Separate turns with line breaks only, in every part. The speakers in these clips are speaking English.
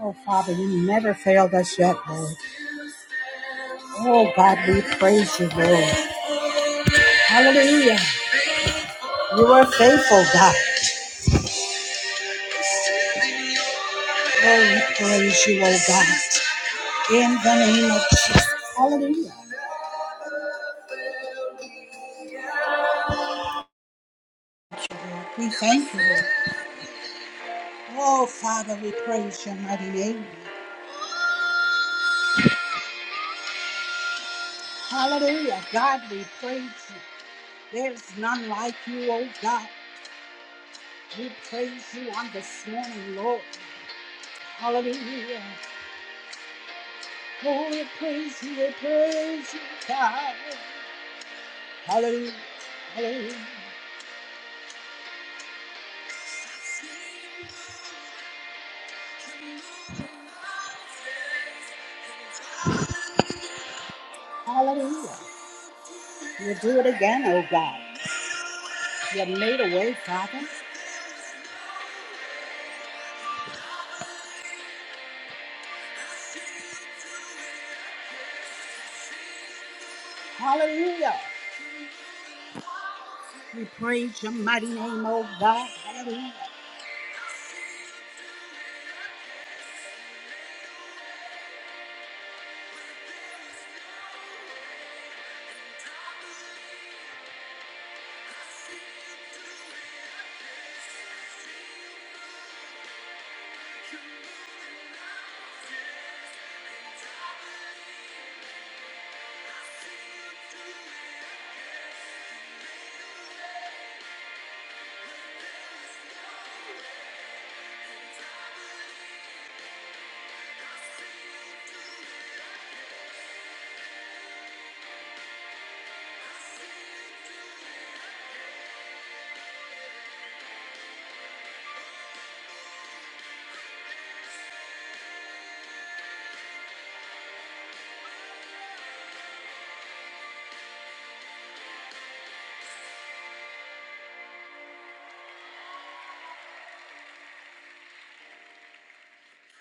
Oh, Father, you never failed us yet, Lord. Oh, God, we praise you, Lord. Hallelujah. You are faithful, God. Oh, we praise you, oh, God. In the name of Jesus. Hallelujah. We thank you, Lord. Oh, Father, we praise your mighty name. Hallelujah. God, we praise you. There's none like you, oh, God. We praise you on this morning, Lord. Hallelujah. Oh, we praise you, we praise you, God. Hallelujah. Hallelujah. Hallelujah. You'll do it again, oh God. You made a way, Father. Hallelujah. We praise your mighty name, oh God. Hallelujah.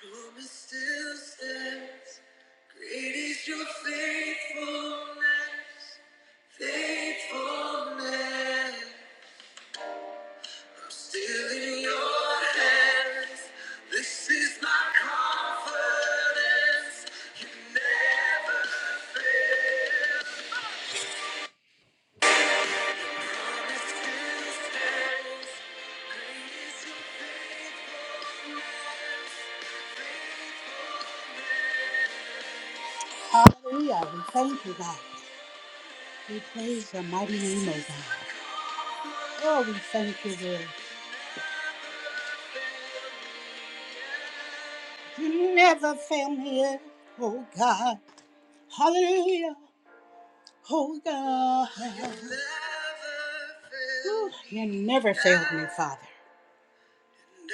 Promise still stands. Great is your faithfulness. Faithfulness. I'm still in your hands. This is my confidence. You never. Hallelujah. We thank you, God. We praise your mighty name, oh God. Oh, we thank you, Lord. You never fail me, oh God. Hallelujah. Oh God. You never failed me, Father.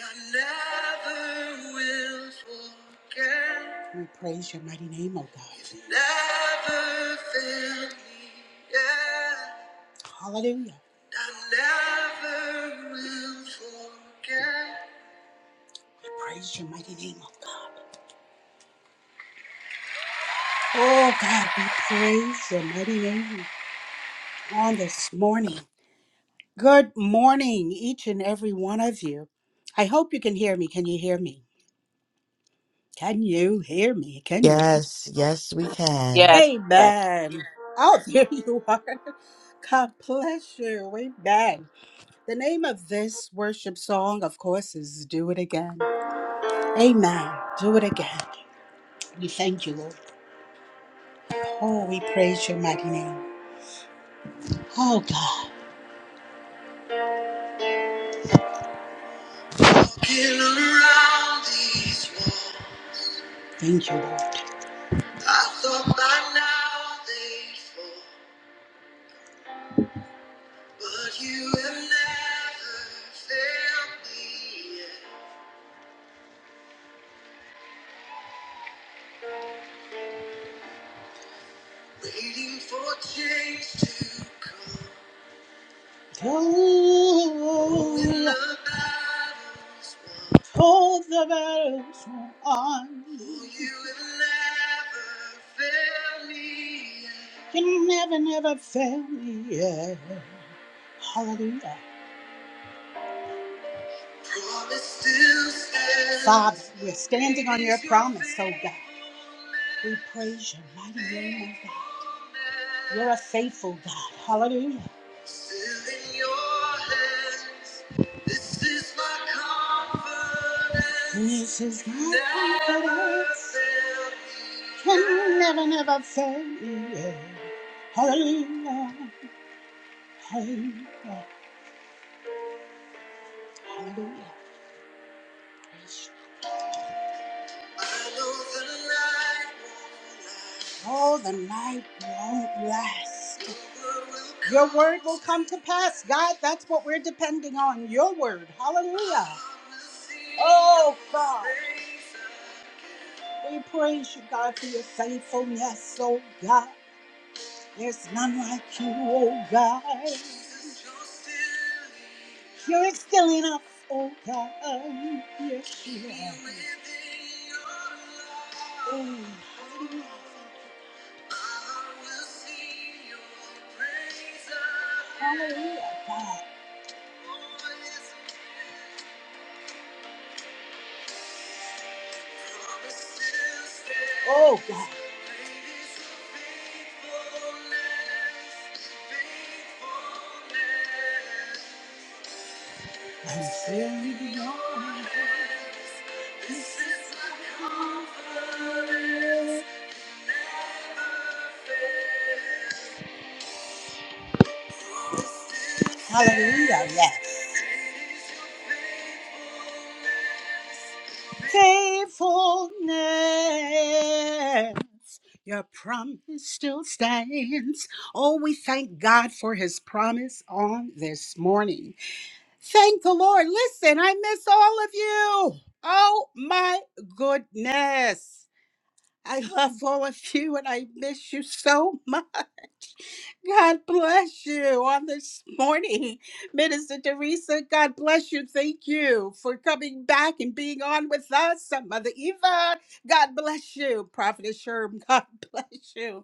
I never will forget. We praise your mighty name, oh God. It's never failed me yet. Hallelujah. I never will forget. We praise your mighty name, oh God. Oh God, we praise your mighty name on this morning. Good morning, each and every one of you. I hope you can hear me. Can you hear me? Can you hear me? Can you?
Yes, yes, we can.
Yes. Yes.
Amen. Oh, there you are. God bless you. Amen. The name of this worship song, of course, is Do It Again. Amen. Do it again. We thank you, Lord. Oh, we praise your mighty name. Oh, God. Been around these walls. Thank you, Lord. I thought by now they'd fall, but you have never failed me yet. Waiting for change to come. Hold Hold the battles won on. Oh, you will never fail me yet. You never, never fail me yet. Hallelujah. Promise still stands. Father, we're standing on your promise, oh God. We praise your mighty name, oh God. You're a faithful God. Hallelujah. Still in your hands, this is my confidence. This is my Never confidence. Can never, never fail me. Hallelujah. Hallelujah. Hallelujah. Oh, the night won't last. Your word will come to pass, God. That's what we're depending on. Your word. Hallelujah. Oh, God. We praise you, God, for your faithfulness, oh, God. There's none like you, oh God. You're still enough, oh God. Yes, you are. Oh, hallelujah. Hallelujah, God. Oh, God. And say, Lord, this is my confidence. Hallelujah, yes. Faithfulness, your promise still stands. Oh, we thank God for his promise on this morning. Thank the Lord. Listen, I miss all of you. Oh, my goodness. I love all of you and I miss you so much. God bless you on this morning. Minister Teresa, God bless you. Thank you for coming back and being on with us. And Mother Eva, God bless you. Prophet Sherm, God bless you.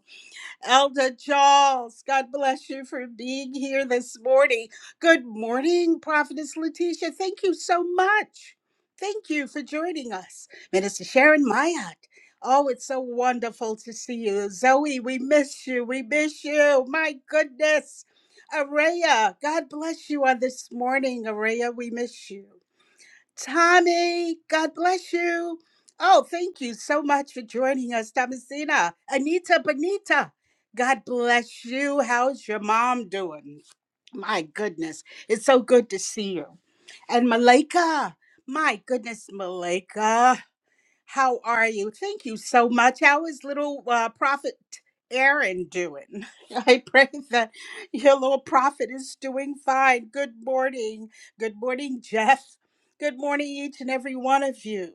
Elder Charles, God bless you for being here this morning. Good morning, Prophetess Letitia. Thank you so much. Thank you for joining us. Minister Sharon Mayat. Oh, it's so wonderful to see you. Zoe, we miss you. We miss you. My goodness. Araya, God bless you on this morning, Araya. We miss you. Tommy, God bless you. Oh, thank you so much for joining us, Thomasina. Anita Bonita, God bless you. How's your mom doing? My goodness, it's so good to see you. And Malika, my goodness, Malika. How are you? Thank you so much. How is little uh, prophet Aaron doing? I pray that your little prophet is doing fine. Good morning. Good morning, Jeff. Good morning, each and every one of you.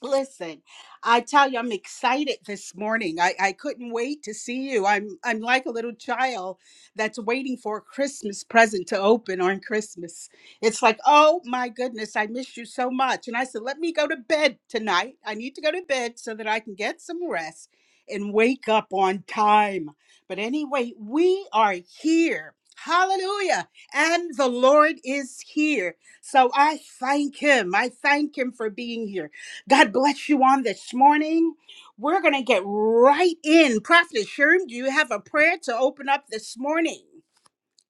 Listen, I tell you, I'm excited this morning. I, I couldn't wait to see you. I'm I'm like a little child that's waiting for a Christmas present to open on Christmas. It's like, oh my goodness, I miss you so much. And I said, let me go to bed tonight. I need to go to bed so that I can get some rest and wake up on time. But anyway, we are here. Hallelujah. And the Lord is here. So I thank him. I thank him for being here. God bless you on this morning. We're going to get right in. Prophet Sherm, do you have a prayer to open up this morning?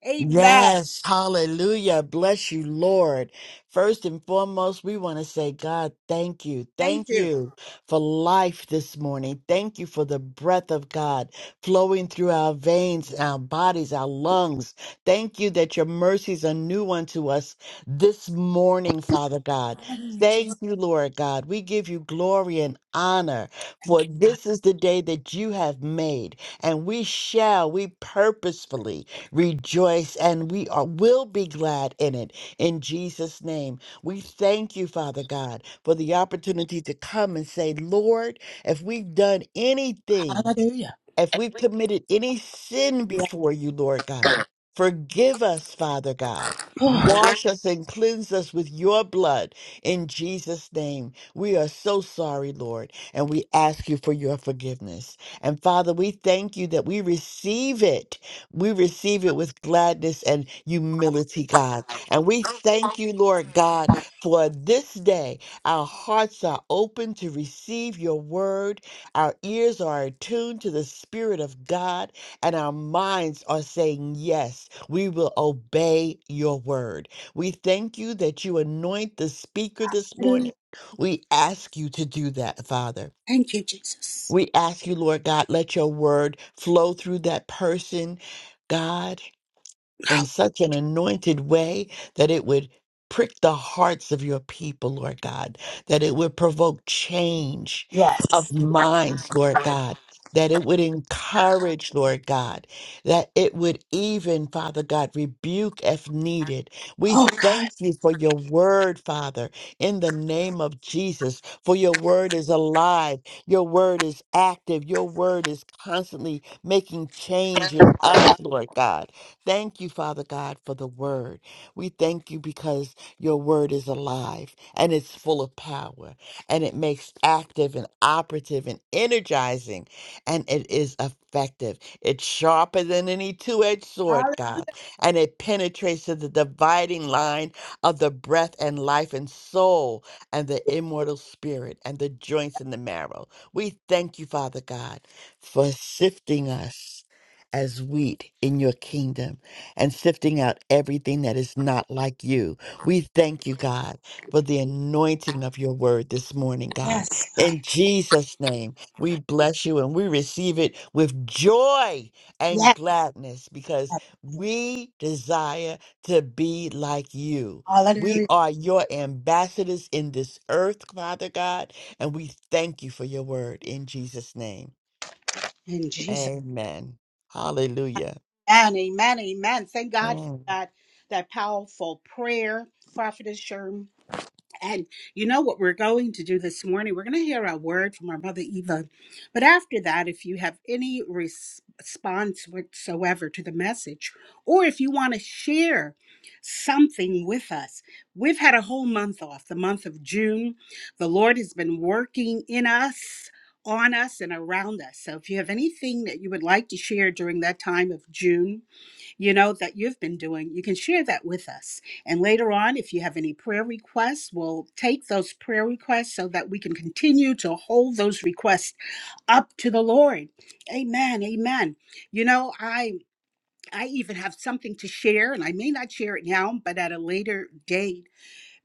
Amen.
Yes, hallelujah. Bless you, Lord. First and foremost, we want to say, God, thank you.
Thank
Thank
you.
you for life this morning. Thank you for the breath of God flowing through our veins, our bodies, our lungs. Thank you that your mercies are new unto us this morning, Father God.
Hallelujah, Jesus.
Thank you, Lord God. We give you glory and honor,
Thank
for
you,
this is the day that you have made, and we shall, we purposefully rejoice, and we are, will be glad in it. In Jesus' name, we thank you, Father God, for the opportunity to come and say, Lord, if we've done anything,
God. Hallelujah.
if we've committed any sin before you, Lord
Yeah.
God, forgive us, Father God.
Oh,
Wash us and cleanse us with your blood in Jesus' name. We are so sorry, Lord, and we ask you for your forgiveness. And Father, we thank you that we receive it. We receive it with gladness and humility, God. And we thank you, Lord God, for this day. Our hearts are open to receive your word our ears are attuned to the Spirit of God, and our minds are saying, Yes, we will obey your word. We thank you that you anoint the speaker this
hallelujah.
morning. We ask you to do that, Father.
Thank you, Jesus.
We ask you, Lord God, let your word flow through that person, God in such an anointed way that it would prick the hearts of your people, Lord God, that it would provoke change
Yes.
of minds, Lord God. That it would encourage, Lord God, that it would even, Father God, rebuke if needed. We
Oh, God.
thank you for your word, Father, in the name of Jesus, for your word is alive, your word is active, your word is constantly making change in us, Lord God. Thank you, Father God, for the word. We thank you because your word is alive and it's full of power and it makes active and operative and energizing and it is effective. It's sharper than any two edged sword,
Hallelujah.
God, and it penetrates to the dividing line of the breath and life and soul and the immortal spirit and the joints and the marrow. We thank you, Father God, for sifting us as wheat in your kingdom and sifting out everything that is not like you. We thank you, God, for the anointing of your word this morning, God.
Yes, God.
In Jesus' name, we bless you and we receive it with joy and
Yes.
gladness because
God.
we desire to be like you. We
Hallelujah.
are your ambassadors in this earth, Father God, and we thank you for your word in Jesus' name.
In Jesus.
Amen. Hallelujah.
Amen. amen. Amen. Thank God for
Mm.
that, that powerful prayer, Prophet Sherm. And you know what we're going to do this morning? We're going to hear a word from our mother Eva. But after that, if you have any res- response whatsoever to the message, or if you want to share something with us, we've had a whole month off, the month of June. The Lord has been working in us. On us and around us. So, if you have anything that you would like to share during that time of June, you know that you've been doing you can share that with us and later on if you have any prayer requests we'll take those prayer requests so that we can continue to hold those requests up to the lord amen amen you know i i even have something to share and i may not share it now but at a later date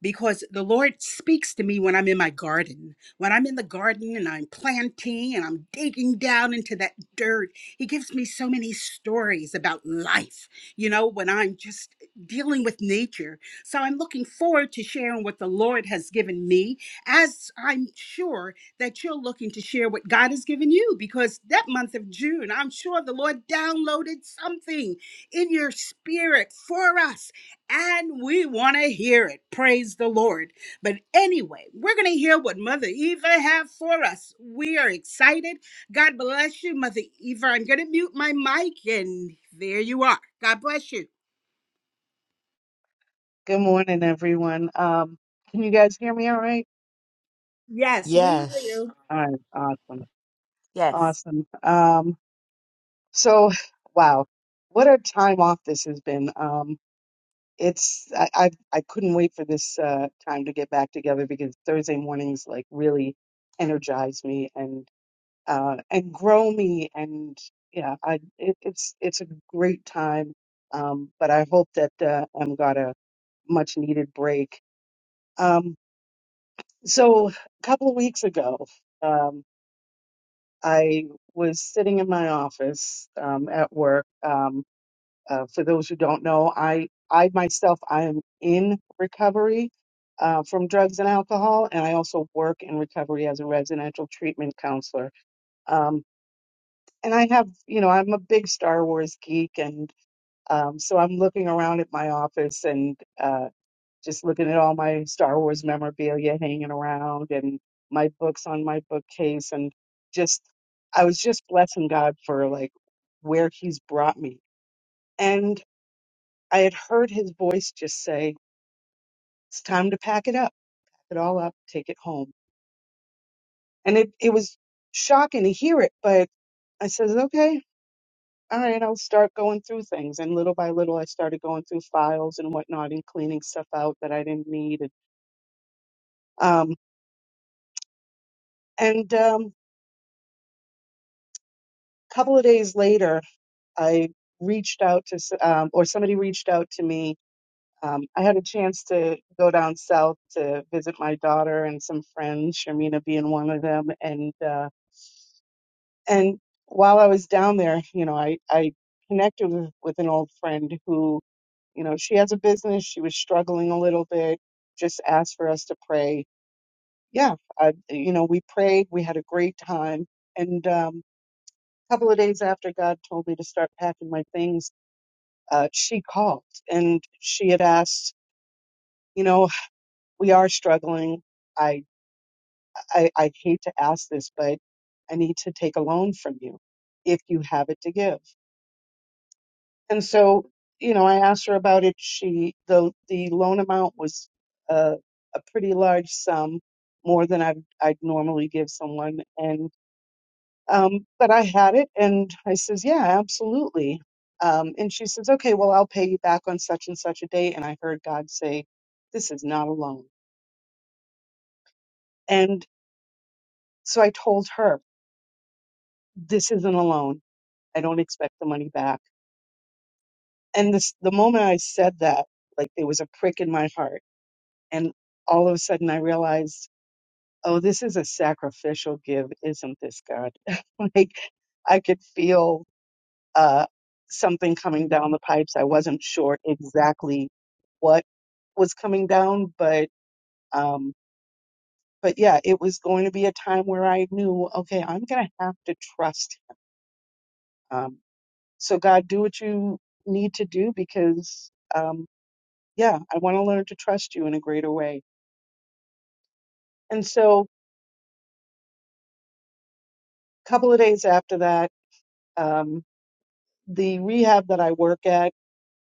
because the Lord speaks to me when I'm in my garden. When I'm in the garden and I'm planting and I'm digging down into that dirt, He gives me so many stories about life, you know, when I'm just dealing with nature. So I'm looking forward to sharing what the Lord has given me, as I'm sure that you're looking to share what God has given you, because that month of June, I'm sure the Lord downloaded something in your spirit for us and we want to hear it. Praise the Lord. But anyway, we're going to hear what Mother Eva have for us. We are excited. God bless you, Mother Eva. I'm going to mute my mic and there you are. God bless you.
Good morning, everyone. Um, can you guys hear me all right?
Yes, we hear
Yes.
you.
All right, awesome.
Yes.
Awesome. Um, so wow, what a time off this has been. Um, it's I, I I couldn't wait for this uh time to get back together because Thursday mornings like really energize me and uh and grow me and yeah, I it, it's it's a great time. Um, but I hope that uh, I'm got a much needed break. Um, So a couple of weeks ago, um, I was sitting in my office um, at work. Um, uh, for those who don't know, I I myself I am in recovery uh, from drugs and alcohol, and I also work in recovery as a residential treatment counselor. Um, and I have, you know, I'm a big Star Wars geek, and um, so I'm looking around at my office, and uh, just looking at all my Star Wars memorabilia hanging around and my books on my bookcase and just I was just blessing God for like where he's brought me. And I had heard his voice just say, It's time to pack it up, pack it all up, take it home. And it, it was shocking to hear it, but I says, Okay, all right, I'll start going through things. And little by little I started going through files and whatnot and cleaning stuff out that I didn't need. And um and um couple of days later I reached out to, s- um, or somebody reached out to me. Um, I had a chance to go down south to visit my daughter and some friends, Sharmina being one of them. And uh, and while I was down there, you know, I I connected with, with an old friend who, you know, she has a business. She was struggling a little bit. Just asked for us to pray. Yeah, I, you know, we prayed. We had a great time. And um, a couple of days after, God told me to start packing my things uh, she called and she had asked, you know, we are struggling. I, I I hate to ask this, but I need to take a loan from you if you have it to give. And so, you know, I asked her about it. She the the loan amount was a, a pretty large sum, more than I'd I'd normally give someone. And Um, but I had it and I says, yeah, absolutely. Um, and she says, okay, well, I'll pay you back on such and such a date. And I heard God say, this is not a loan. And so I told her, this isn't a loan. I don't expect the money back. And this, the moment I said that, like there was a prick in my heart. And all of a sudden I realized, oh, this is a sacrificial give. Isn't this God? like I could feel uh, something coming down the pipes. I wasn't sure exactly what was coming down, but um, but yeah, it was going to be a time where I knew, okay, I'm going to have to trust him. Um, so God, do what you need to do because um, yeah, I want to learn to trust you in a greater way. And so, a couple of days after that, um, the rehab that I work at.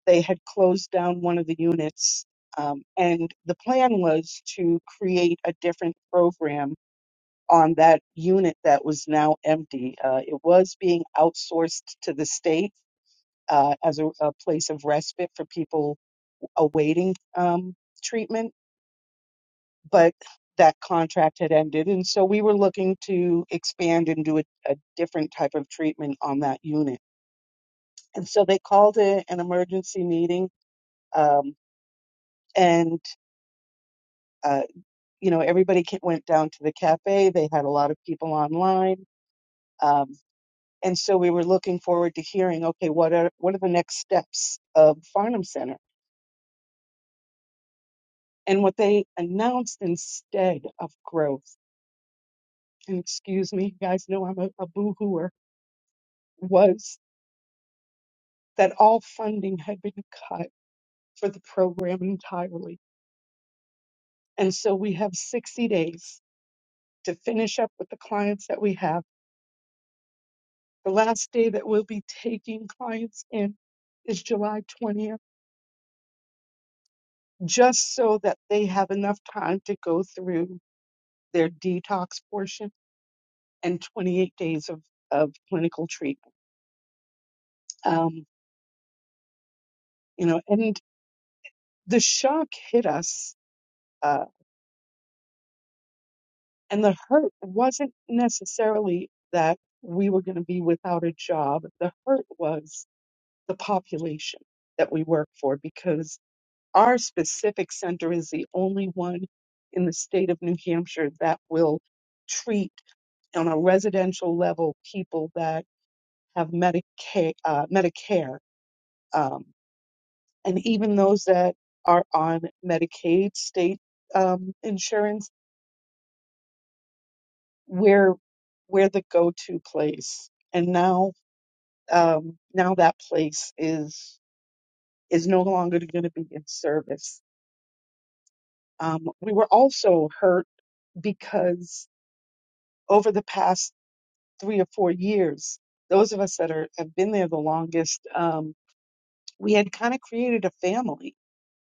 they had closed down one of the units, um, and the plan was to create a different program on that unit that was now empty. Uh, it was being outsourced to the state uh, as a, a place of respite for people awaiting um, treatment, but that contract had ended, and so we were looking to expand and do a, a different type of treatment on that unit. And so they called it an emergency meeting, um, and uh, you know, everybody ca- went down to the cafe. They had a lot of people online. Um, and so we were looking forward to hearing, okay, what are, what are the next steps of Farnham Center? And what they announced instead of growth, and excuse me, you guys know I'm a, a boohooer, was that all funding had been cut for the program entirely. And so we have 60 days to finish up with the clients that we have. The last day that we'll be taking clients in is July 20th just so that they have enough time to go through their detox portion and 28 days of, of clinical treatment. Um, you know, and the shock hit us, uh, and the hurt wasn't necessarily that we were going to be without a job. The hurt was the population that we work for because our specific center is the only one in the state of New Hampshire that will treat on a residential level people that have Medicaid, uh, Medicare, um, and even those that are on Medicaid state um, insurance, we're we're the go-to place. And now, um, now that place is is no longer going to be in service. Um, we were also hurt because over the past three or four years, those of us that are have been there the longest. um, we had kind of created a family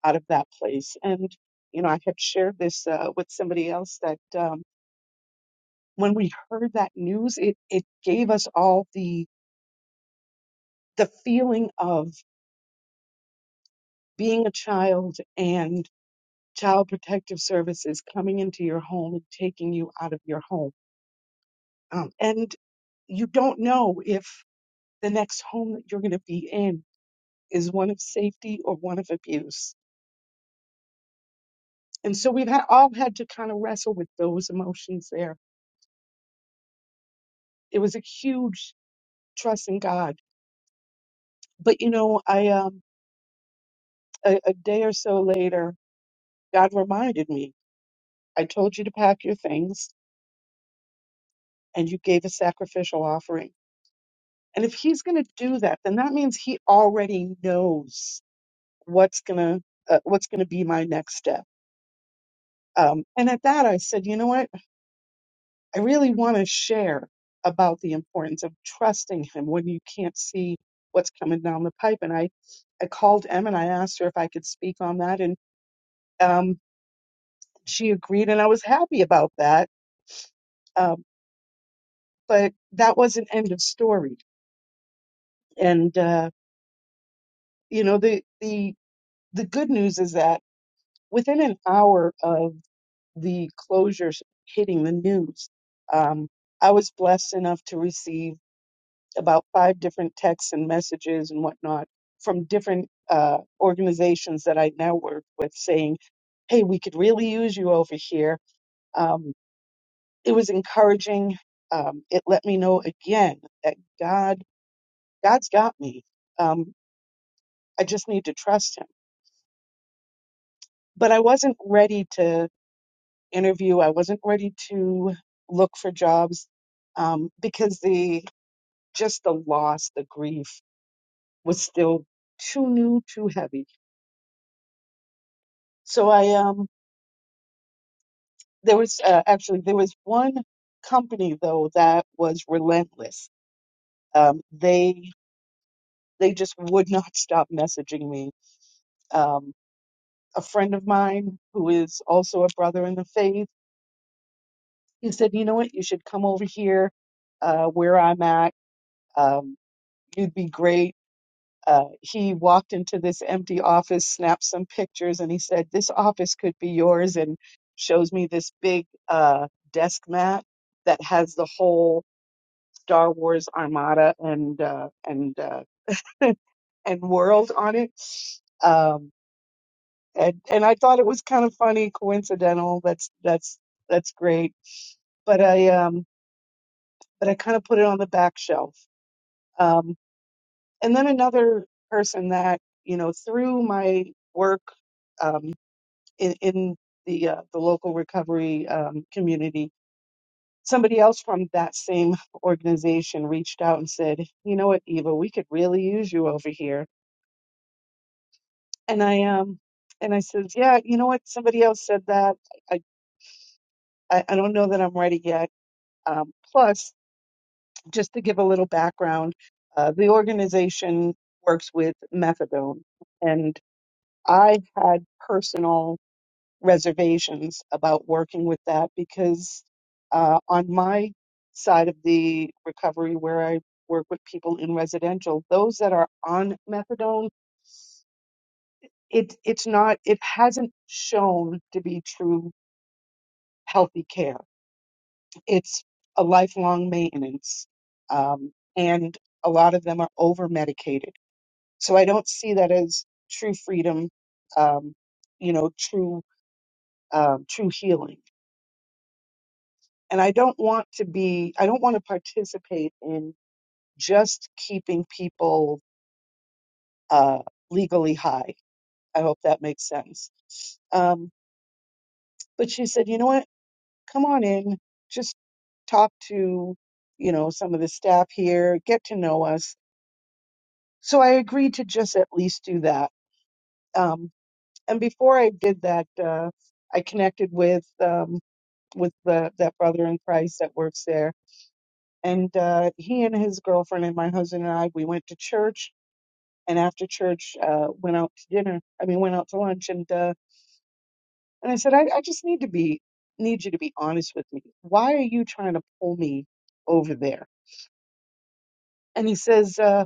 out of that place. And, you know, I had shared this uh, with somebody else that um, when we heard that news, it, it gave us all the, the feeling of being a child and child protective services coming into your home and taking you out of your home. Um, and you don't know if the next home that you're going to be in is one of safety or one of abuse. And so we've had, all had to kind of wrestle with those emotions there it was a huge trust in God. But you know, I um a, a day or so later, God reminded me, I told you to pack your things and you gave a sacrificial offering. And if he's going to do that, then that means he already knows what's going to uh, what's going to be my next step. Um, and at that, I said, you know what? I really want to share about the importance of trusting him when you can't see what's coming down the pipe. And I I called Em and I asked her if I could speak on that. and um, she agreed, and I was happy about that. Um, but that wasn't end of story. And uh, you know, the the the good news is that within an hour of the closures hitting the news, um, I was blessed enough to receive about five different texts and messages and whatnot from different uh, organizations that I now work with, saying, "Hey, we could really use you over here." Um, it was encouraging. Um, it let me know again that God, God's got me. Um, I just need to trust Him. But I wasn't ready to interview. I wasn't ready to look for jobs um, because the just the loss, the grief was still too new, too heavy. So I um, there was uh, actually there was one company though that was relentless. Um, they they just would not stop messaging me Um, a friend of mine who is also a brother in the faith. He said, You know what? You should come over here uh, where I'm at. Um, you'd be great. Uh, he walked into this empty office, snapped some pictures, and he said, This office could be yours. And shows me this big uh, desk mat that has the whole Star Wars Armada and uh, and uh, and world on it. Um, and and I thought it was kind of funny, coincidental. That's that's that's great. But I um but I kind of put it on the back shelf. Um, and then another person that you know through my work um, in in the uh, the local recovery um, community, somebody else from that same organization reached out and said, you know what, Eva, we could really use you over here. And I um and I said, yeah, you know what, somebody else said that. I I, I don't know that I'm ready yet. Um, plus, just to give a little background, uh, the organization works with methadone, and I had personal reservations about working with that because uh, on my side of the recovery, where I work with people in residential, those that are on methadone, it it's not, it hasn't shown to be true healthy care it's a lifelong maintenance. Um, and a lot of them are over medicated. So I don't see that as true freedom, um, you know, true, um, true healing. And I don't want to be, I don't want to participate in just keeping people, uh, legally high. I hope that makes sense. Um, but she said, you know what? Come on in. Just talk to, you know, some of the staff here, get to know us So I agreed to just at least do that. Um, and before I did that, uh, I connected with um, with the, that brother in Christ that works there, and uh, he and his girlfriend and my husband and I we went to church, and after church uh, went out to dinner. I mean, went out to lunch, and uh, and I said, I, I just need to be need you to be honest with me. Why are you trying to pull me over there? And he says, uh,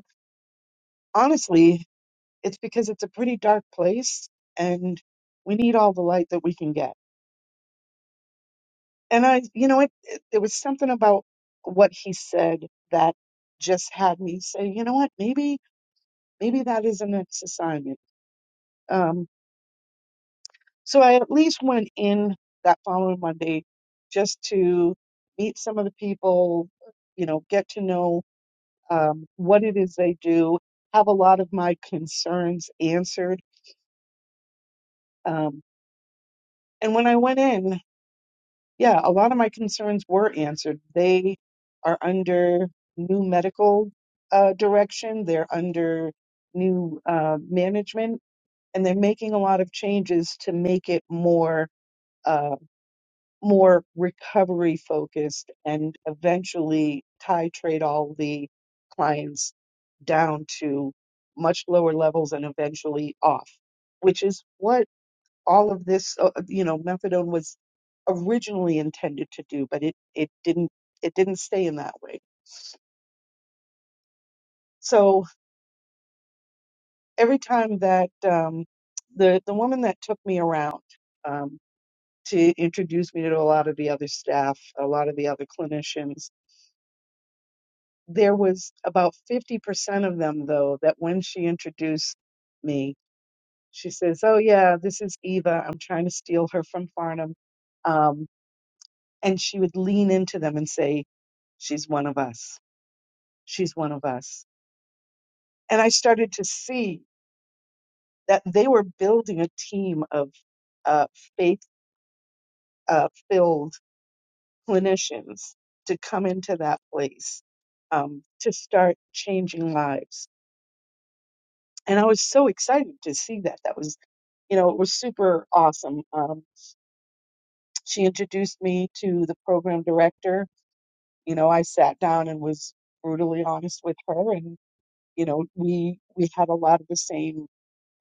honestly. It's because it's a pretty dark place and we need all the light that we can get. And I, you know, it, it, there was something about what he said that just had me say, you know what, maybe, maybe that is an assignment. Um, so I at least went in that following Monday just to meet some of the people, you know, get to know um, what it is they do, have a lot of my concerns answered. Um, and when I went in, yeah, a lot of my concerns were answered. They are under new medical uh, direction, they're under new uh, management, and they're making a lot of changes to make it more uh, more recovery focused and eventually titrate all the clients down to much lower levels and eventually off, which is what all of this, uh, you know, methadone was originally intended to do, but it, it didn't it didn't stay in that way. So every time that um, the the woman that took me around um, to introduce me to a lot of the other staff, a lot of the other clinicians, there was about fifty percent of them though that when she introduced me, she says, "Oh yeah, this is Eva. I'm trying to steal her from Farnham," um, and she would lean into them and say, "She's one of us." She's one of us. And I started to see that they were building a team of uh, faith uh, filled clinicians to come into that place um, to start changing lives. And I was so excited to see that. That was, you know, it was super awesome. Um, she introduced me to the program director. You know, I sat down and was brutally honest with her and you know we we had a lot of the same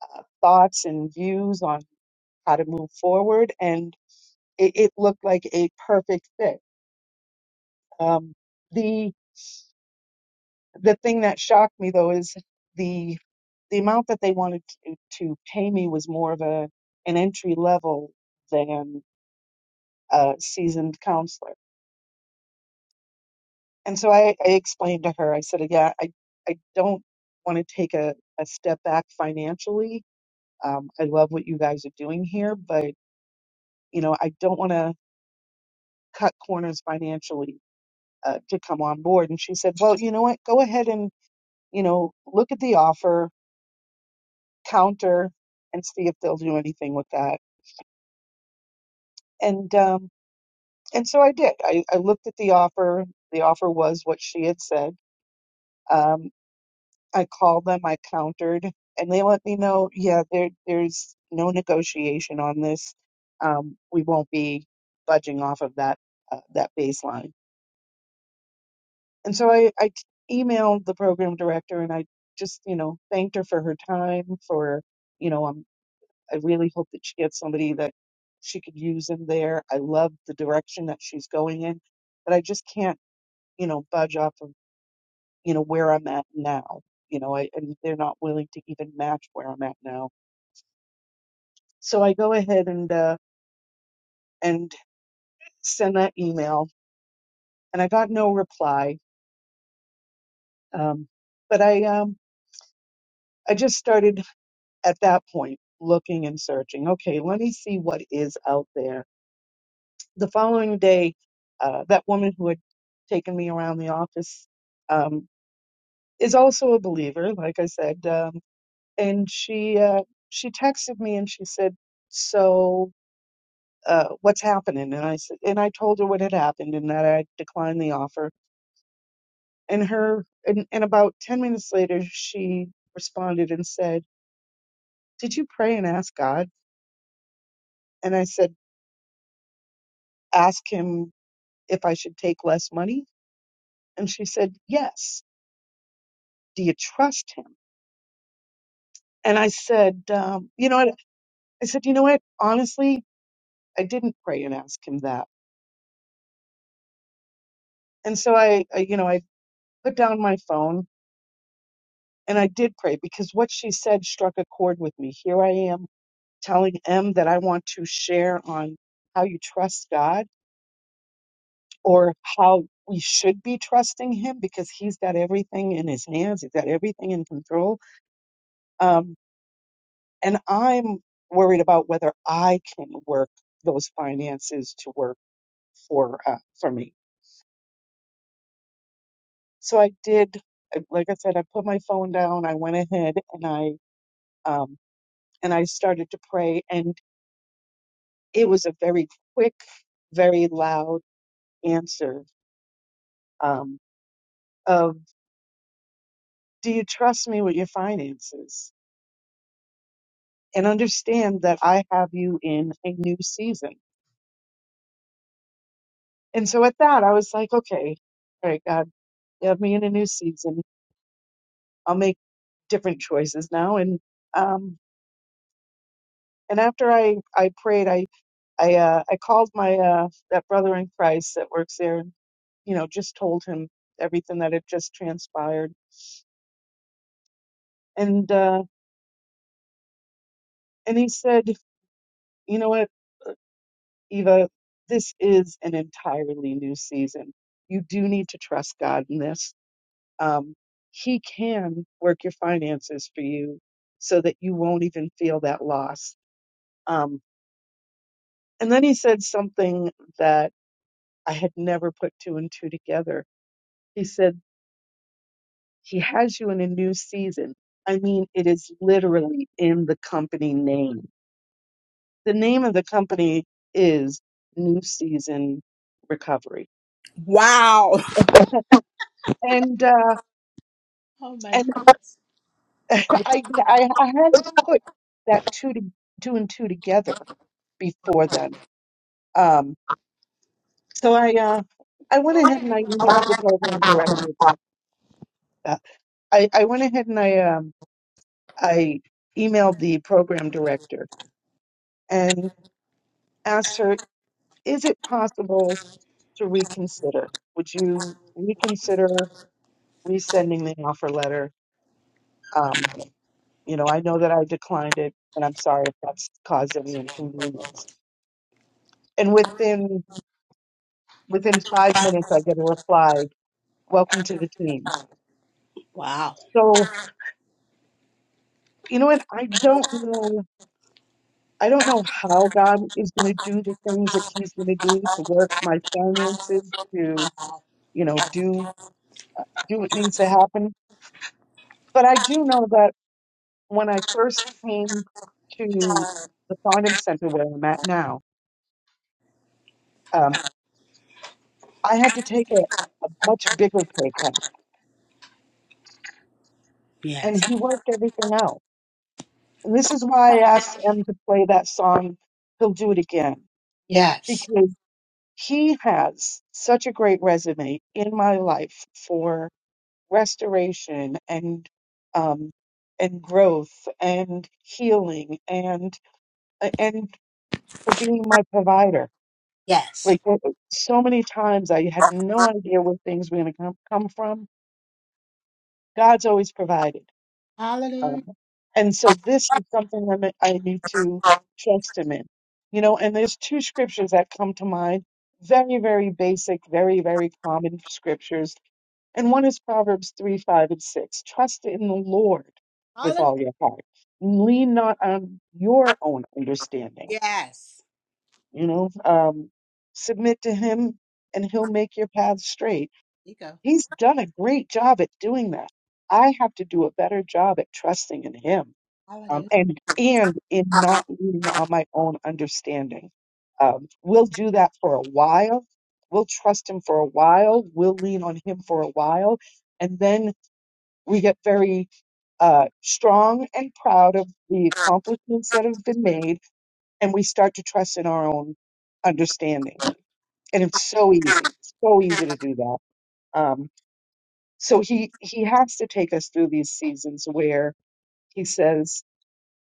uh, thoughts and views on how to move forward, and it, it looked like a perfect fit. Um, the the thing that shocked me though is the the amount that they wanted to, to pay me was more of a an entry level than a seasoned counselor. And so I, I explained to her, I said, yeah, I, I don't want to take a, a step back financially. Um, I love what you guys are doing here, but you know, I don't want to cut corners financially uh, to come on board. And she said, well, you know what? Go ahead and, you know, look at the offer, counter, and see if they'll do anything with that. And, um, and so I did. I, I looked at the offer. The offer was what she had said. Um, I called them, I countered, and they let me know, yeah, there, there's no negotiation on this. Um, we won't be budging off of that, uh, that baseline And so I, I emailed the program director and I just, you know, thanked her for her time, for, you know, um, I really hope that she gets somebody that she could use in there. I love the direction that she's going in, but I just can't, you know, budge off of, you know, where I'm at now. You know, I, and they're not willing to even match where I'm at now. So I go ahead and, uh, and send that email and I got no reply. Um, but I, um, I just started at that point looking and searching okay let me see what is out there the following day uh, that woman who had taken me around the office um, is also a believer like i said um, and she uh, she texted me and she said so uh, what's happening and i said and i told her what had happened and that i declined the offer and her and, and about 10 minutes later she responded and said did you pray and ask god and i said ask him if I should take less money? And she said, Yes. Do you trust him? And I said, um, You know what? I said, You know what? Honestly, I didn't pray and ask him that. And so I, I you know, I put down my phone and I did pray because what she said struck a chord with me. Here I am telling M that I want to share on how you trust God or how we should be trusting him because he's got everything in his hands. He's got everything in control. Um, And I'm worried about whether I can work those finances to work for uh, for me. So I did, I- like I said, I put my phone down. I went ahead and I um, and I started to pray, and it was a very quick, very loud answer um, of, "Do you trust me with your finances?" And understand that I have you in a new season. And so at that, I was like, "Okay, all right, God, have me in a new season. I'll make." different choices now and um and after i i prayed i i uh i called my uh that brother in christ that works there you know just told him everything that had just transpired and uh and he said you know what eva this is an entirely new season you do need to trust god in this um he can work your finances for you so that you won't even feel that loss um and then he said something that. I had never put two and two together. He said, He has you in a new season. I mean, it is literally in the company name. The name of the company is New Season Recovery.
Wow.
And uh, and I, I I hadn't put that two to, two and two together before then. Um, so I uh, I went ahead and I emailed the program director. Uh, I I went ahead and I um, I emailed the program director and asked her, is it possible to reconsider? Would you reconsider resending the offer letter? Um, you know, I know that I declined it and I'm sorry if that's caused any inconvenience. And within within five minutes I get a reply, welcome to the team.
Wow.
So you know what? I don't know I don't know how God is gonna do the things that he's gonna do to work my finances, to you know, do do what needs to happen. But I do know that when I first came to the Farnham Center where I'm at now, um, I had to take a, a much bigger pay cut, and
Yes.
he worked everything out. And this is why I asked M to play that song, He'll Do It Again,
Yes.
because he has such a great resume in my life for restoration and um, and growth and healing and uh, and for being my provider.
Yes.
Like uh, uh, so many times, I had no idea where things were going to come, come from. God's always provided,
Hallelujah.
um, and so this is something that I I need to trust Him in. You know, and there's two scriptures that come to mind, very, very basic, very, very common scriptures, and one is Proverbs three, five, and six. Trust in the Lord with
Hallelujah.
all your heart. Lean not on your own understanding
Yes.
you know um, submit to him and he'll make your path straight
You go.
he's done a great job at doing that i have to do a better job at trusting in him um,
Hallelujah.
and and in not leaning on my own understanding um, we'll do that for a while we'll trust him for a while we'll lean on him for a while and then we get very uh, strong and proud of the accomplishments that have been made and we start to trust in our own understanding and it's so easy so easy to do that um, so he he has to take us through these seasons where he says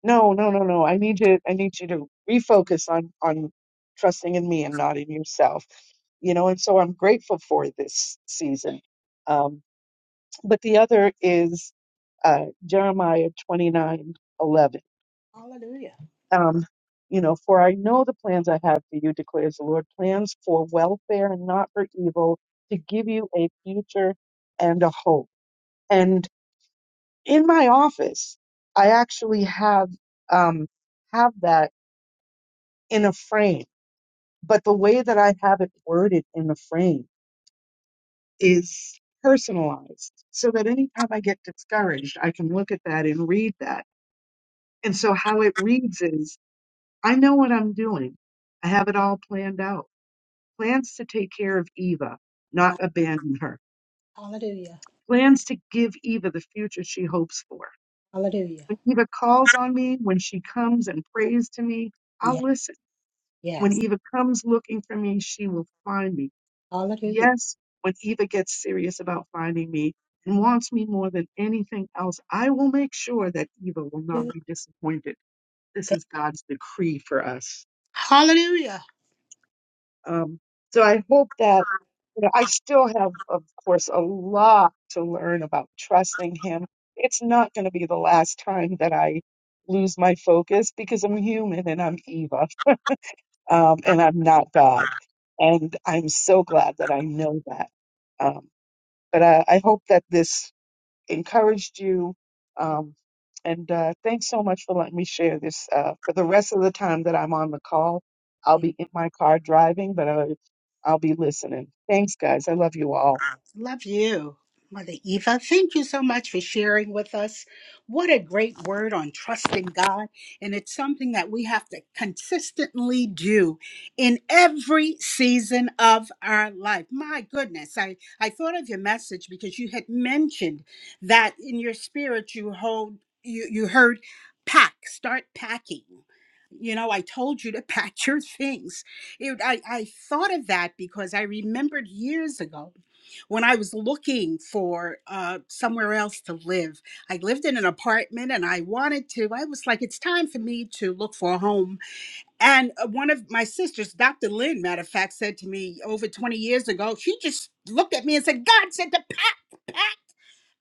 no no no no i need you i need you to refocus on on trusting in me and not in yourself you know and so i'm grateful for this season um, but the other is uh, jeremiah twenty nine eleven. Um, you know, for I know the plans I have for you, declares the Lord, plans for welfare and not for evil, to give you a future and a hope. And in my office, I actually have um, have that in a frame, but the way that I have it worded in the frame is personalized, so that anytime I get discouraged, I can look at that and read that. And so how it reads is, I know what I'm doing. I have it all planned out. plans to take care of Eva, not
My
abandon her,
hallelujah.
plans to give Eva the future she hopes for.
Hallelujah.
When Eva calls on me, when she comes and prays to me, I'll
Yes.
listen. When
Yes.
Eva comes looking for me, she will find me.
Hallelujah.
Yes, when Eva gets serious about finding me and wants me more than anything else, I will make sure that Eva will not be disappointed. This is God's decree for us.
Hallelujah.
Um, so I hope that you know, I still have, of course, a lot to learn about trusting him. It's not going to be the last time that I lose my focus because I'm human and I'm Eva um, and I'm not God. And I'm so glad that I know that. Um, but I, I hope that this encouraged you. Um, and uh, thanks so much for letting me share this. Uh, for the rest of the time that I'm on the call, I'll be in my car driving, but i I'll be listening. Thanks, guys. I love you all.
Love you, Mother Eva. Thank you so much for sharing with us. What a great word on trusting God. And it's something that we have to consistently do in every season of our life. My goodness, I, I thought of your message because you had mentioned that in your spirit you hold you, you heard pack, start packing. You know, I told you to pack your things. It, I, I thought of that because I remembered years ago when I was looking for uh, somewhere else to live. I lived in an apartment and I wanted to, I was like, it's time for me to look for a home. And uh, one of my sisters, Dr. Lynn, matter of fact, said to me over 20 years ago, she just looked at me and said, God said to pack, pack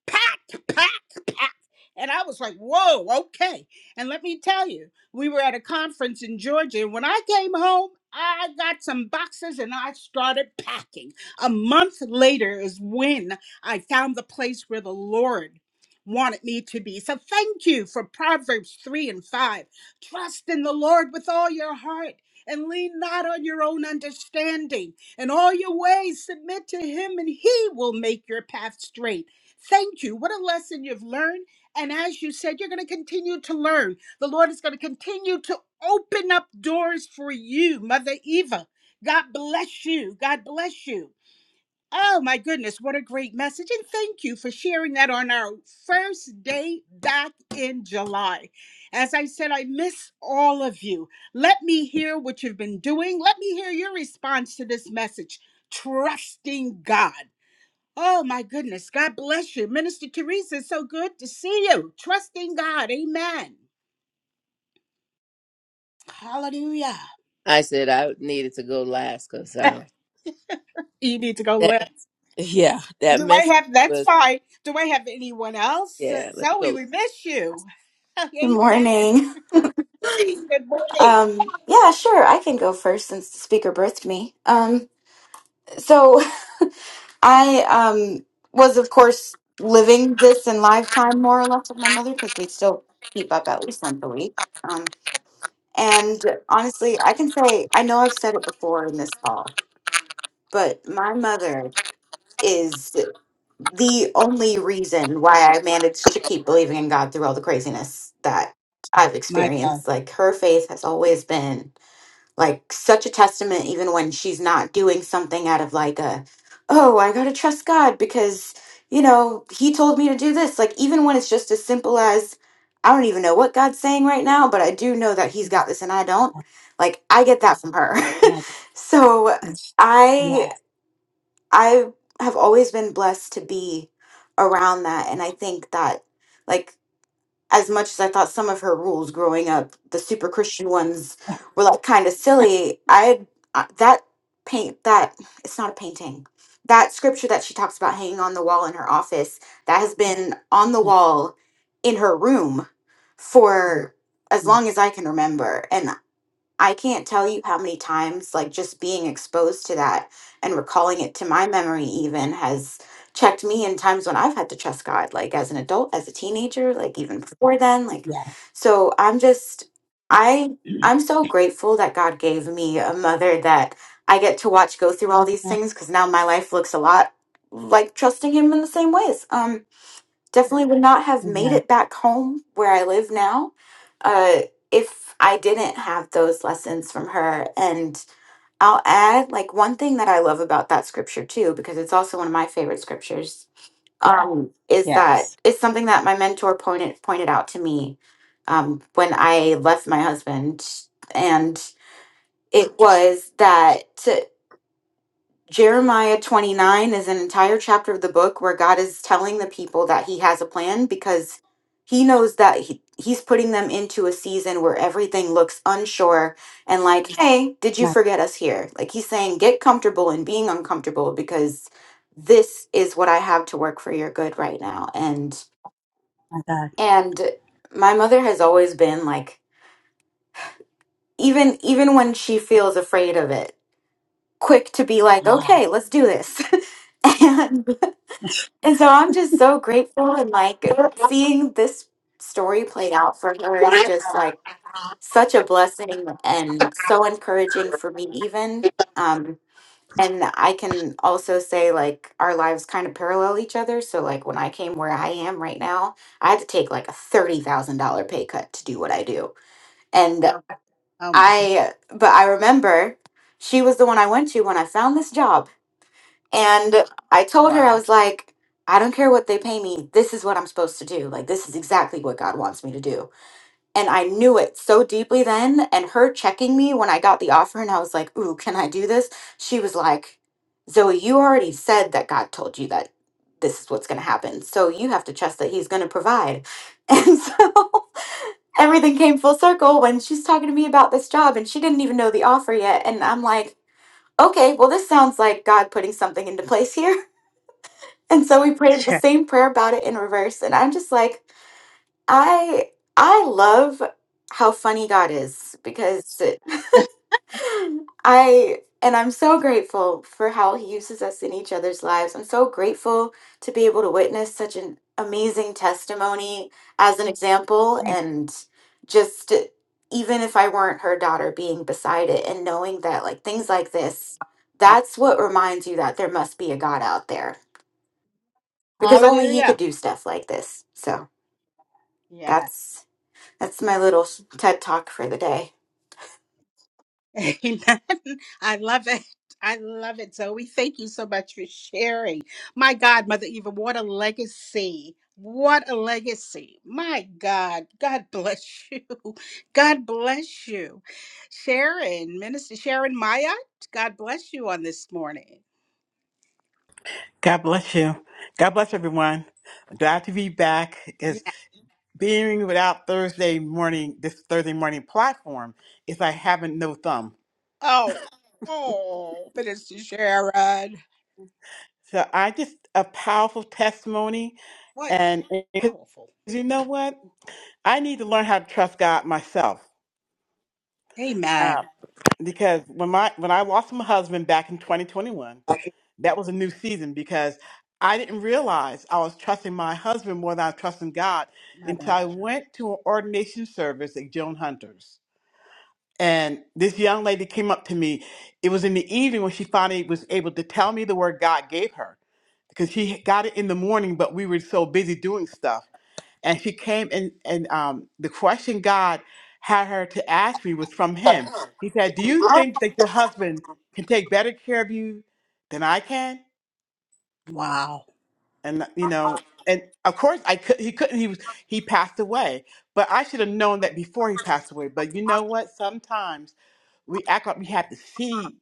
packed, packed, packed. And I was like, whoa, okay. And let me tell you, we were at a conference in Georgia. And when I came home, I got some boxes and I started packing. A month later is when I found the place where the Lord wanted me to be. So thank you for Proverbs 3 and 5. Trust in the Lord with all your heart and lean not on your own understanding. In all your ways, submit to him, and he will make your path straight. Thank you. What a lesson you've learned. And as you said, you're going to continue to learn. The Lord is going to continue to open up doors for you, Mother Eva. God bless you. God bless you. Oh, my goodness. What a great message. And thank you for sharing that on our first day back in July. As I said, I miss all of you. Let me hear what you've been doing. Let me hear your response to this message trusting God. Oh my goodness. God bless you. Minister Teresa, it's so good to see you. Trusting God. Amen. Hallelujah.
I said I needed to go last because um,
You need to go
that
left.
yeah, that
Do I
message
have that's
was
fine. Do I have anyone else? Uh,
yeah. Let me
Zoe,
go.
we miss you.
Good
Amen.
morning.
Good morning.
Um, yeah, sure, I can go first since the speaker birthed me. Um, so I um was of course living this in lifetime more or less with my mother because we still keep up at least once a week. Um, and honestly, I can say I know I've said it before in this call, but my mother is the only reason why I managed to keep believing in God through all the craziness that I've
My God.
experienced. Like her faith has always been like such a testament even when she's not doing something out of like a oh i gotta trust god because you know he told me to do this like even when it's just as simple as i don't even know what god's saying right now but i do know that he's got this and i don't like i get that from her
My
so i
God.
i have always been blessed to be around that and i think that like as much as I thought some of her rules growing up, the super Christian ones were like kind of silly. I uh, that paint that it's not a painting. That scripture that she talks about hanging on the wall in her office that has been on the
Yes.
wall in her room for as
Yes.
long as I can remember. And I can't tell you how many times, like, just being exposed to that and recalling it to my memory, even has checked me in times when I've had to trust God, like, as an adult, as a teenager, like, even before then.
Yes.
Like,
yes.
so I'm just, I, I'm so grateful that God gave me a mother that I get to watch go through all these
Oh,
things because now my life looks a lot like trusting Him in the same ways. Um, definitely would not have made
Amen.
it back home where I live now uh, if I didn't have those lessons from her. And I'll add, like, one thing that I love about that scripture, too, because it's also one of my favorite scriptures, um, is that
Yes.
it's something that my mentor pointed, pointed out to me um, when I left my husband. And it was that. Jeremiah 29 is an entire chapter of the book where God is telling the people that he has a plan because he knows that he, he's putting them into a season where everything looks unsure and like, hey, did you
My,
forget us here? Like he's saying, get comfortable in being uncomfortable because this is what I have to work for your good right now. And
my God.
and my mother has always been like even even when she feels afraid of it, quick to be like,
Wow.
okay, let's do this. and And so I'm just so grateful and like seeing this story played out for her is just like such a blessing and so encouraging for me even. Um and I can also say like our lives kind of parallel each other. So like when I came where I am right now, I had to take like a thirty thousand dollar pay cut to do what I do. And Wow.
Oh my God.
I but I remember she was the one I went to when I found this job and I told her, I
Wow.
was like, I don't care what they pay me. This is what I'm supposed to do. Like, this is exactly what God wants me to do. And I knew it so deeply then. And her checking me when I got the offer and I was like, Ooh, can I do this? She was like, Zoe, you already said that God told you that this is what's going to happen. So you have to trust that He's going to provide. And so everything came full circle when she's talking to me about this job and she didn't even know the offer yet. And I'm like, okay, well, this sounds like God putting something into place here. And so we prayed the
Yes.
same prayer about it in reverse. And I'm just like, I I love how funny God is because it- I and I'm so grateful for how he uses us in each other's lives. I'm so grateful to be able to witness such an amazing testimony as an example
Amen.
and just even if I weren't her daughter being beside it and knowing that like things like this,
Wow.
that's what reminds you that there must be a God out there because only he could
Hallelujah.
do stuff like this. So
Yes.
that's that's my little TED talk for the day.
Amen. I love it. I love it, Zoe. Thank you so much for sharing. My God, Mother Eva, what a legacy. What a legacy. My God. God bless you. God bless you. Sharon, Minister Sharon Mayat. God bless you on this morning.
God bless you. God bless everyone. Glad to be back
Yeah.
because being without Thursday morning, this Thursday morning platform is like having no thumb.
Oh, oh, Minister Sharon.
So I just a powerful testimony,
what's
and because
powerful.
you know what, I need to learn how to trust God myself. Uh,
Amen.
because when my when I lost my husband back in 2021.
My
that was a new season because I didn't realize I was trusting my husband more than I was trusting God until
God.
I went to an ordination service at Joan Hunter's. And this young lady came up to me. It was in the evening when she finally was able to tell me the word God gave her because she got it in the morning, but we were so busy doing stuff. And she came and, and um, the question God had her to ask me was from him. He said, Do you think that your husband can take better care of you than I can?
Wow.
and you know and of course i could he couldn't he was he passed away but i should have known that before he passed away but you know what sometimes we act like we have to see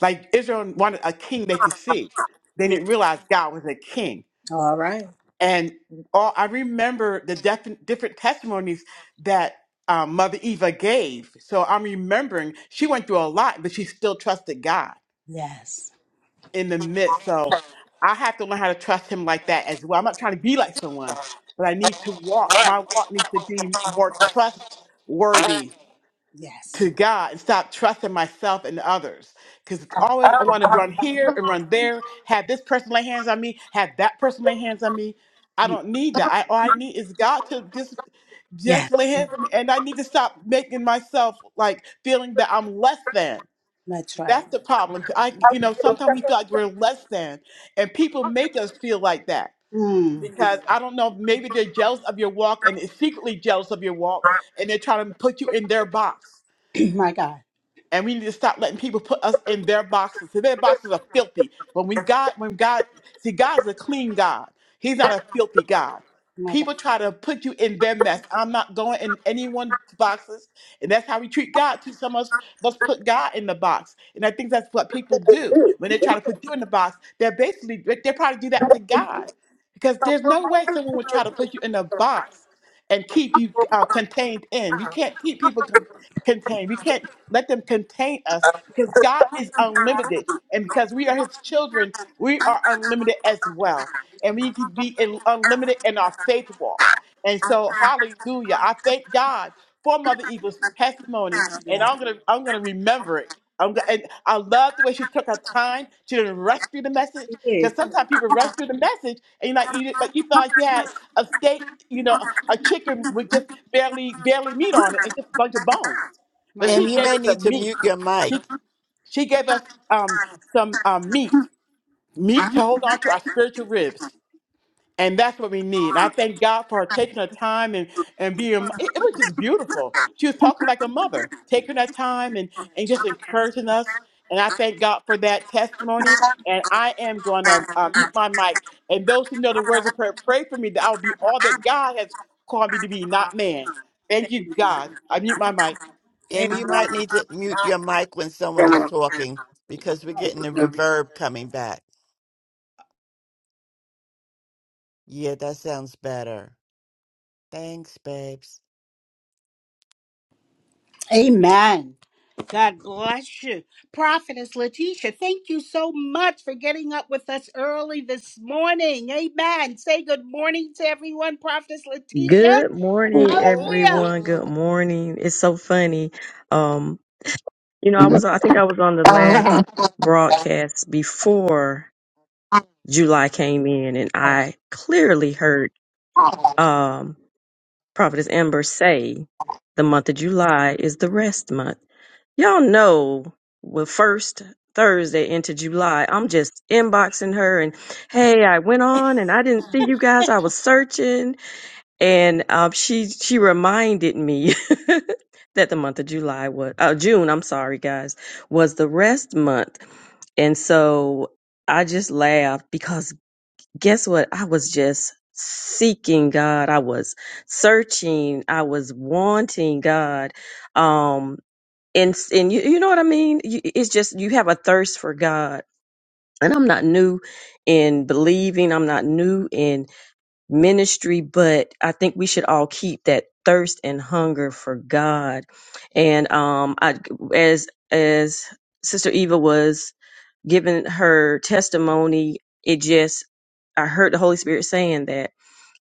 like israel wanted a king they could see they
Mm,
didn't realize god was a king
All right.
and all i remember the def- different testimonies that um, mother eva gave so i'm remembering she went through a lot but she still trusted god
Yes.
in the midst. So I have to learn how to trust him like that as well. I'm not trying to be like someone, but I need to walk. My walk needs to be more trustworthy
Yes.
to God and stop trusting myself and others. Because it's always I want to run here and run there, have this person lay hands on me, have that person lay hands on me. I don't need that. I all I need is God to just just lay
Yes.
hands on me. And I need to stop making myself like feeling that I'm less than.
That's right.
That's the problem. I, you know, sometimes we feel like we're less than, and people make us feel like that
Mm.
because I don't know. Maybe they're jealous of your walk, and is secretly jealous of your walk, and they're trying to put you in their box
my God.
and we need to stop letting people put us in their boxes. So their boxes are filthy. When we God, when God, see, God's a clean God. He's not a filthy God.
My God.
People try to put you in their mess. I'm not going in anyone's boxes, and that's how we treat God too. Some of us must put God in the box, and I think that's what people do when they try to put you in the box. They're basically they probably do that to God, because there's no way someone would try to put you in a box and keep you uh, contained in. We can't keep people con- contained. We can't let them contain us because God is unlimited. And because we are his children, we are unlimited as well. And we need to be in, unlimited in our faith walk. And so, hallelujah. I thank God for Mother Eagle's testimony. And
Yes.
I'm going to I'm gonna remember it. I'm go- and I love the way she took her time. She didn't rush through the
He
message because
did.
sometimes people rush through the message and you're like you like you felt like you had a steak, you know, a chicken with just barely barely meat on it and just a bunch of bones.
My
But
Em.
she
God.
you
gave
may
us a
need to
meat.
mute your mic.
She she gave us um some um meat, meat to hold on to our spiritual ribs. And that's what we need. And I thank God for her taking her time and, and being, it, it was just beautiful. She was talking like a mother, taking her time and, and just encouraging us. And I thank God for that testimony. And I am going to uh, mute my mic. And those who know the words of prayer, pray for me that I will be all that God has called me to be, not man. Thank you, God. I mute my mic.
Em, you might
Amen.
need to mute your mic when someone is talking because we're getting the reverb coming back. Yeah, that sounds better. Thanks, babes.
Amen. God bless you. Prophetess Letitia, thank you so much for getting up with us early this morning. Amen. Say good morning to everyone, Prophetess Letitia.
Good morning,
Hallelujah.
everyone. Good morning. It's so funny. Um, you know, I was, I think I was on the last broadcast before July came in, and I clearly heard, um, Prophetess Amber say the month of July is the rest month. Y'all know, well, first Thursday into July, I'm just inboxing her and, hey, I went on and I didn't see you guys. I was searching and um, she she reminded me that the month of July was uh, June. I'm sorry, guys, was the rest month, and so I just laughed because guess what? I was just seeking God. I was searching. I was wanting God. Um, and and you you know what I mean? You, it's just you have a thirst for God. And I'm not new in believing. I'm not new in ministry, but I think we should all keep that thirst and hunger for God. And um, I, as as Sister Eva was giving her testimony, it just I heard the Holy Spirit saying that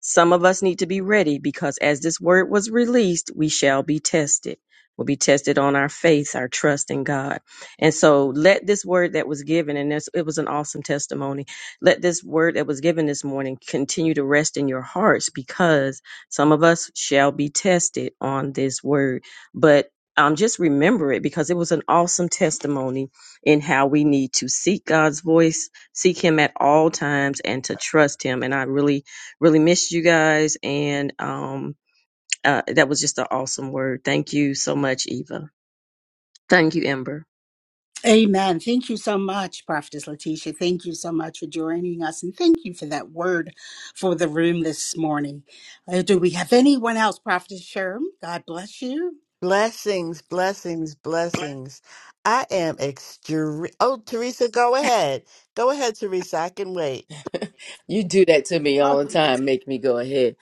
some of us need to be ready because as this word was released, we shall be tested. We'll be tested on our faith, our trust in God. And so let this word that was given, and this, it was an awesome testimony let this word that was given this morning continue to rest in your hearts because some of us shall be tested on this word. But um, just remember it because it was an awesome testimony in how we need to seek God's voice, seek Him at all times, and to trust Him. And I really, really missed you guys. And um, uh, that was just an awesome word. Thank you so much, Eva. Thank you, Ember.
Amen. Thank you so much, Prophetess Letitia. Thank you so much for joining us and thank you for that word for the room this morning. Uh, do we have anyone else, Prophetess Sherm? God bless you.
Blessings, blessings, blessings. I am extreme. Oh, Teresa, go ahead. Go ahead, Teresa. I can wait.
You do that to me
Oh,
all the time. Make me go ahead.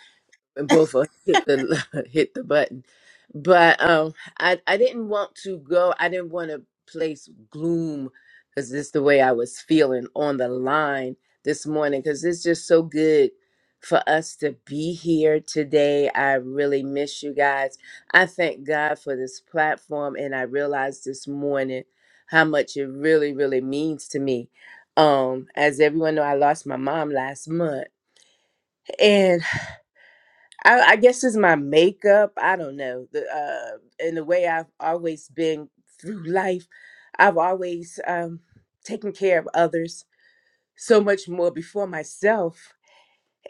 and both of us hit the hit the button. But um, I I didn't want to go. I didn't want to place gloom because this is the way I was feeling on the line this morning. Because it's just so good for us to be here today. I really miss you guys. I thank God for this platform, and I realized this morning how much it really really means to me. Um, as everyone know, I lost my mom last month. and. I, I guess it's my makeup. I don't know. The uh, and the way I've always been through life, I've always um taken care of others so much more before myself.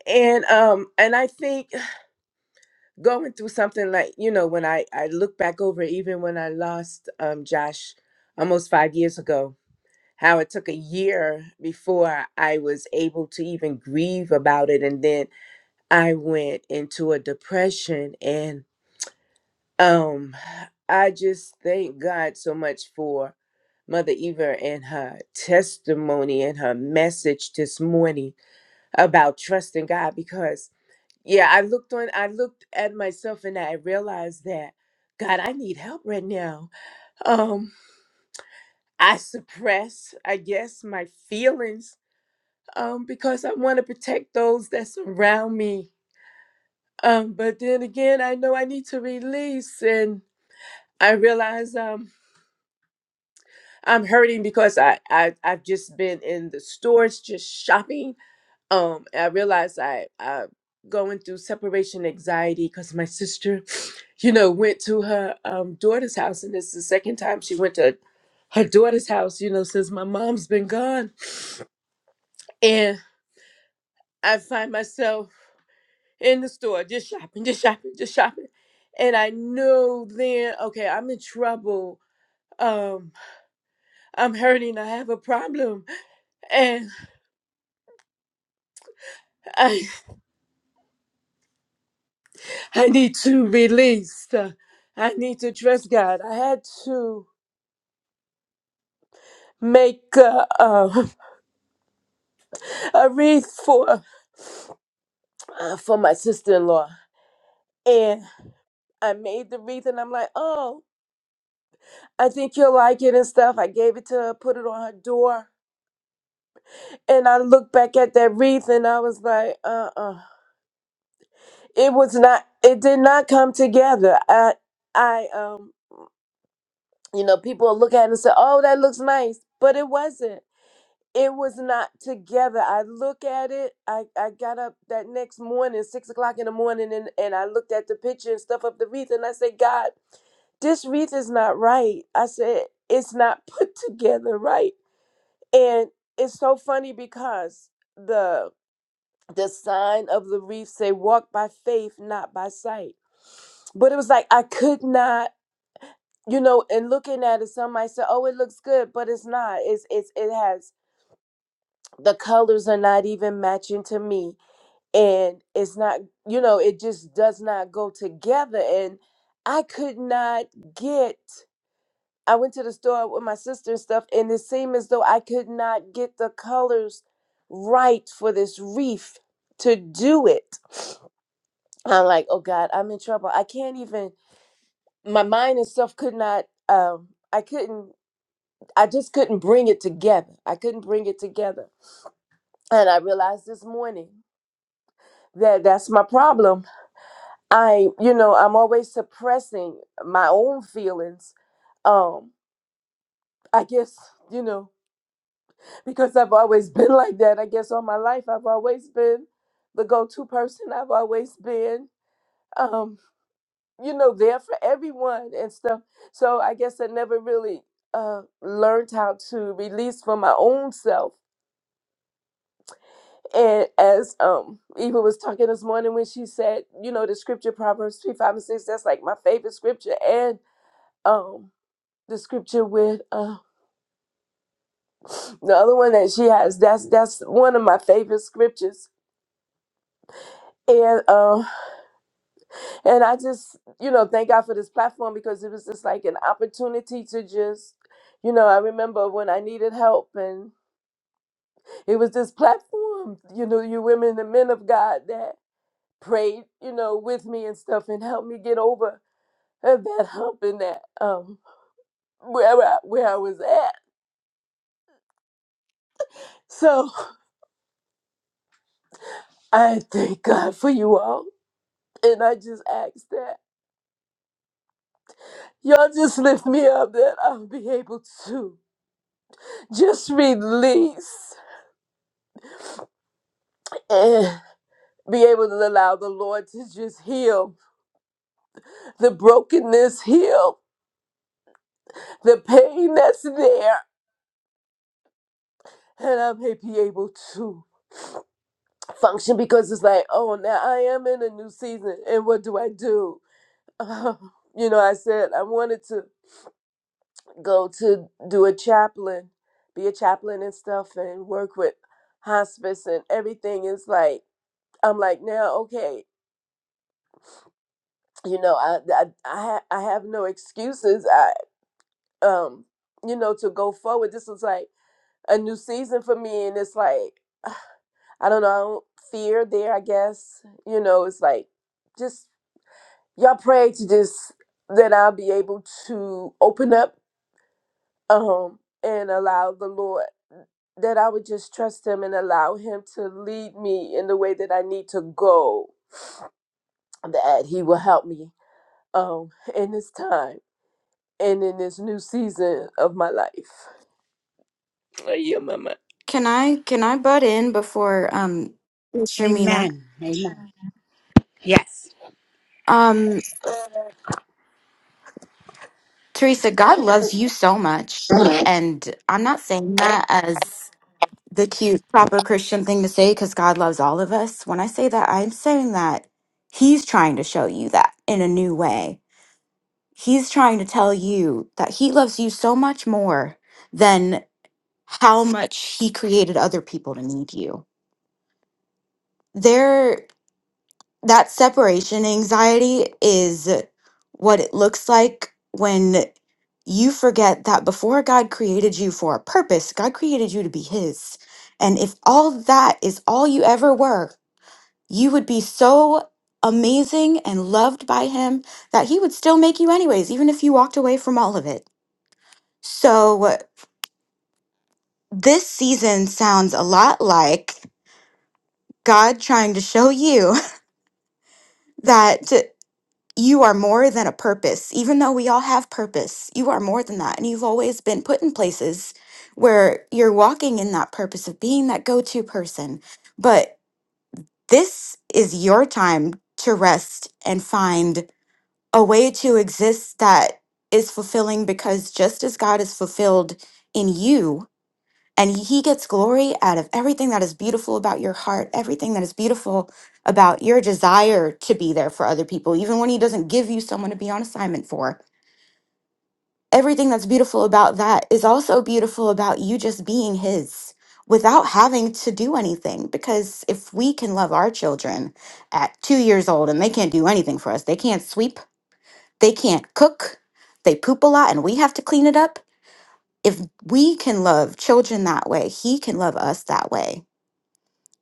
And um and I think going through something like you know when I I look back over even when I lost um Josh almost five years ago, how it took a year before I was able to even grieve about it, and then I went into a depression and Um, I just thank God so much for Mother Eva and her testimony and her message this morning about trusting God because yeah, I looked on I looked at myself and I realized that God, I need help right now. Um, I suppress, I guess, my feelings um because I want to protect those that surround me. Um, but then again, I know I need to release and I realize um. I'm hurting because I, I I've just been in the stores just shopping. Um, and I realized I I going through separation anxiety because my sister, you know, went to her um daughter's house, and this is the second time she went to her daughter's house, you know, since my mom's been gone. And I find myself in the store just shopping, just shopping, just shopping, and I know then okay, I'm in trouble. Um, I'm hurting. I have a problem, and I need to release. uh, I need to trust God. I had to make uh, uh, a wreath for uh, for my sister in law, and I made the wreath, and I'm like, oh, I think you'll like it and stuff. I gave it to her, put it on her door, and I looked back at that wreath, and I was like, uh, uh it was not. It did not come together. I, I, um, you know, people look at it and say, oh, that looks nice, but it wasn't. it was not together. I look at it. I, I got up that next morning, six o'clock in the morning, and, and I looked at the picture and stuff of the wreath, and I said, God, this wreath is not right. I said, it's not put together right. And it's so funny because the the sign of the wreath say walk by faith, not by sight. But it was like I could not, you know, and looking at it, somebody said, Oh, it looks good, but it's not. It's it's it has the colors are not even matching to me and it's not you know it just does not go together and i could not get i went to the store with my sister and stuff and it seemed as though i could not get the colors right for this wreath to do it i'm like oh god i'm in trouble i can't even my mind and stuff could not um i couldn't i just couldn't bring it together i couldn't bring it together and i realized this morning that that's my problem i you know i'm always suppressing my own feelings um i guess you know because i've always been like that i guess all my life i've always been the go-to person i've always been um you know there for everyone and stuff so i guess i never really uh learned how to release for my own self And as um Eva was talking this morning when she said, you know, the scripture Proverbs 3, 5, and 6, that's like my favorite scripture. And um the scripture with uh the other one that she has, that's that's one of my favorite scriptures. And um and I just, you know, thank God for this platform because it was just like an opportunity to just you know, I remember when I needed help and it was this platform, you know, you women and men of God that prayed, you know, with me and stuff and helped me get over of that hump and that um where I, where I was at. So I thank God for you all, and I just ask that y'all just lift me up that I'll be able to just release and be able to allow the Lord to just heal the brokenness, heal the pain that's there, and I may be able to function because it's like, oh, now I am in a new season, and what do I do? you know, I said I wanted to go to do a chaplain, be a chaplain and stuff, and work with hospice and everything. Is like I'm like now, okay, you know, I I I, ha- I have no excuses. I um, you know, to go forward. This was like a new season for me, and it's like I don't know, I don't fear there. I guess you know, it's like just y'all pray to just that I'll be able to open up um, and allow the Lord that I would just trust Him and allow Him to lead me in the way that I need to go. That He will help me um, in this time and in this new season of my life. Oh, yeah, Mama.
Can I can I butt in before um Sharmina?
amen. Amen. Yes.
Um Teresa, God loves you so much. And I'm not saying that as the cute, proper Christian thing to say because God loves all of us. When I say that, I'm saying that He's trying to show you that in a new way. He's trying to tell you that He loves you so much more than how much He created other people to need you. There, that separation anxiety is what it looks like when you forget that before God created you for a purpose, God created you to be His. And if all that is all you ever were, you would be so amazing and loved by him that he would still make you anyways, even if you walked away from all of it. So this season sounds a lot like God trying to show you that you are more than a purpose. Even though we all have purpose, you are more than that. And you've always been put in places where you're walking in that purpose of being that go to person. But this is your time to rest and find a way to exist that is fulfilling because just as God is fulfilled in you and he gets glory out of everything that is beautiful about your heart, everything that is beautiful about your desire to be there for other people, even when he doesn't give you someone to be on assignment for. Everything that's beautiful about that is also beautiful about you just being his without having to do anything. Because if we can love our children at two years old and they can't do anything for us, they can't sweep they can't cook. They poop a lot and we have to clean it up. If we can love children that way, he can love us that way.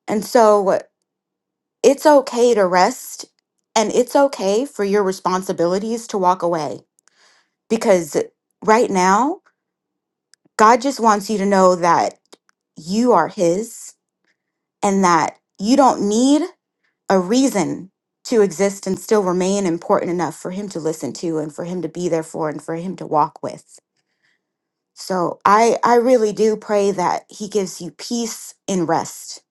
And so it's okay to rest and it's okay for your responsibilities to walk away because right now, God just wants you to know that you are his and that you don't need a reason to exist and still remain important enough for him to listen to and for him to be there for and for him to walk with. So I I really do pray that he gives you peace and rest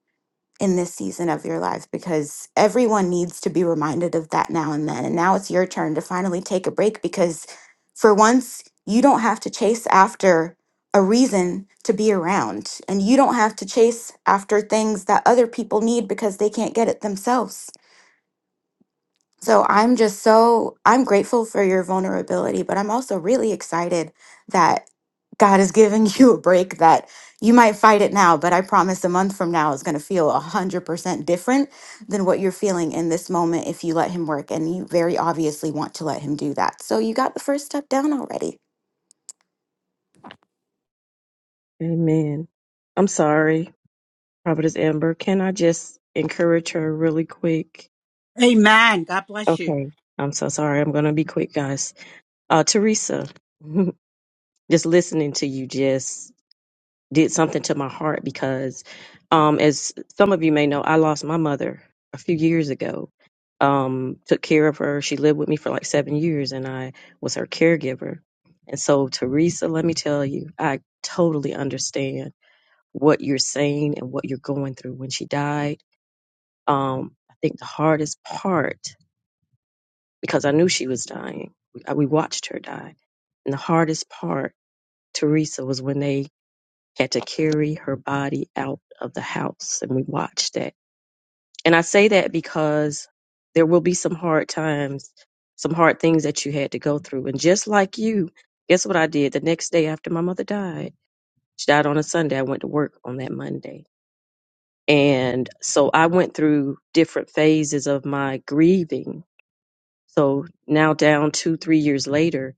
in this season of your life because everyone needs to be reminded of that now and then. And now it's your turn to finally take a break because for once you don't have to chase after a reason to be around and you don't have to chase after things that other people need because they can't get it themselves so I'm just so I'm grateful for your vulnerability, but I'm also really excited that God is giving you a break that you might fight it now, but I promise a month from now is going to feel 100% different than what you're feeling in this moment if you let him work and you very obviously want to let him do that. So you got the first step down already.
Amen. I'm sorry. Prophetess Amber, can I just encourage her really quick?
Amen. God bless you.
Okay. I'm so sorry. I'm going to be quick, guys. Uh, Teresa, just listening to you just did something to my heart because, um, as some of you may know, I lost my mother a few years ago. Um, took care of her. She lived with me for like seven years and I was her caregiver. And so, Teresa, let me tell you, I totally understand what you're saying and what you're going through when she died. Um, I think the hardest part, because I knew she was dying, we, uh, we watched her die. And the hardest part, Teresa, was when they had to carry her body out of the house and we watched that. And I say that because there will be some hard times, some hard things that you had to go through. And just like you, guess what I did the next day after my mother died? She died on a Sunday. I went to work on that Monday. And so I went through different phases of my grieving So now down two, three years later,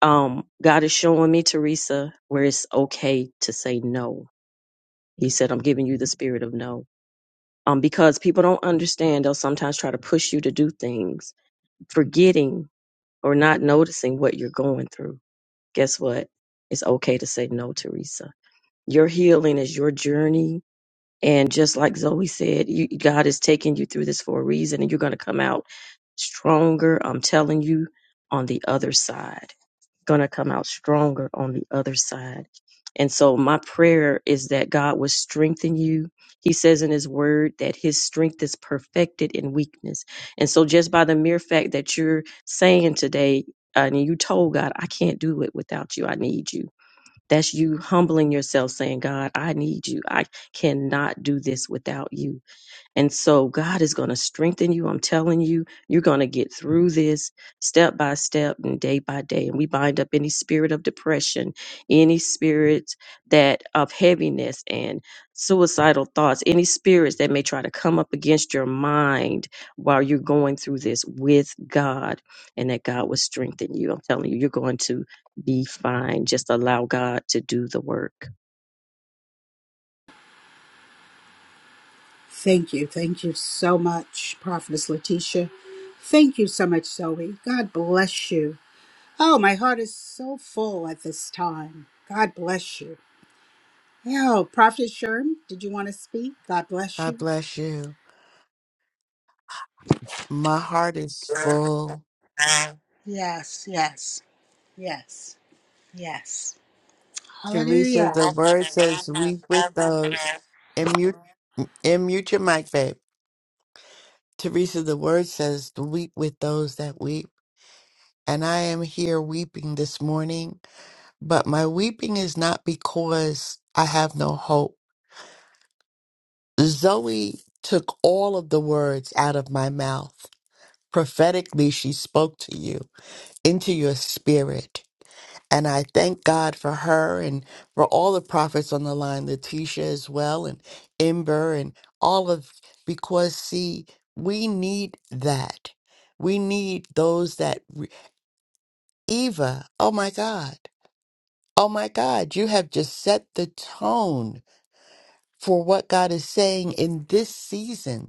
um, God is showing me, Teresa, where it's okay to say no. He said, I'm giving you the spirit of no. Um, because people don't understand, they'll sometimes try to push you to do things, forgetting or not noticing what you're going through. Guess what? It's okay to say no, Teresa. Your healing is your journey. And just like Zoe said, you, God is taking you through this for a reason, and you're going to come out stronger. I'm telling you, on the other side. going to come out stronger on the other side. And so my prayer is that God will strengthen you. He says in his word that his strength is perfected in weakness. And so just by the mere fact that you're saying today, uh, and you told God, I can't do it without you. I need you. That's you humbling yourself saying, God, I need you. I cannot do this without you. And so God is going to strengthen you. I'm telling you, you're going to get through this step by step and day by day. And we bind up any spirit of depression, any spirits that of heaviness and suicidal thoughts, any spirits that may try to come up against your mind while you're going through this with God and that God will strengthen you. I'm telling you, you're going to be fine. Just allow God to do the work.
Thank you. Thank you so much, Prophetess Letitia. Thank you so much, Zoe. God bless you. Oh, my heart is so full at this time. God bless you. Yo, Prophet Sherm, did you want to speak? God bless
God
you.
bless you. My heart is full.
Yes, yes, yes, yes.
Teresa,
Hallelujah.
the word says, weep with those. And mute, and mute your mic, babe. Teresa, the word says to weep with those that weep. And I am here weeping this morning, but my weeping is not because I have no hope. Zoe took all of the words out of my mouth. Prophetically, she spoke to you into your spirit. And I thank God for her and for all the prophets on the line, Letitia as well, and Ember and all of, because see, we need that. We need those that, re- Eva, oh my God, oh my God, you have just set the tone for what God is saying in this season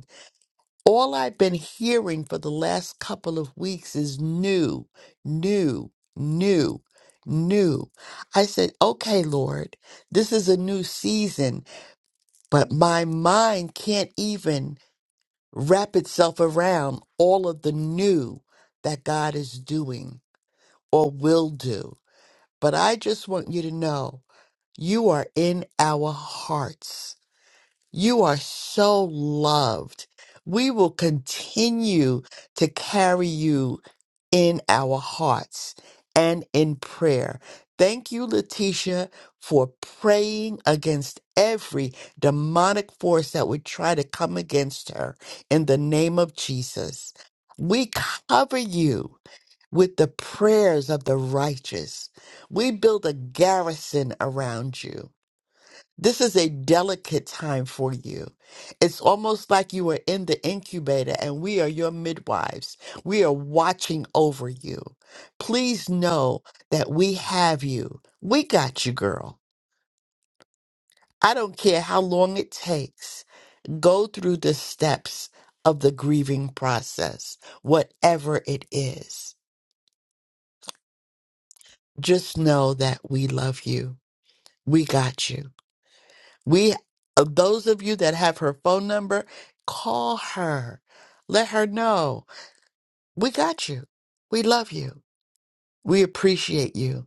all I've been hearing for the last couple of weeks is new, new, new, new. I said, okay, Lord, this is a new season, but my mind can't even wrap itself around all of the new that God is doing or will do. But I just want you to know you are in our hearts. You are so loved. We will continue to carry you in our hearts and in prayer. Thank you, Letitia, for praying against every demonic force that would try to come against her in the name of Jesus. We cover you with the prayers of the righteous. We build a garrison around you. This is a delicate time for you. It's almost like you are in the incubator and we are your midwives. We are watching over you. Please know that we have you. We got you, girl. I don't care how long it takes. Go through the steps of the grieving process, whatever it is. Just know that we love you. We got you. We, uh, those of you that have her phone number, call her. Let her know we got you. We love you. We appreciate you.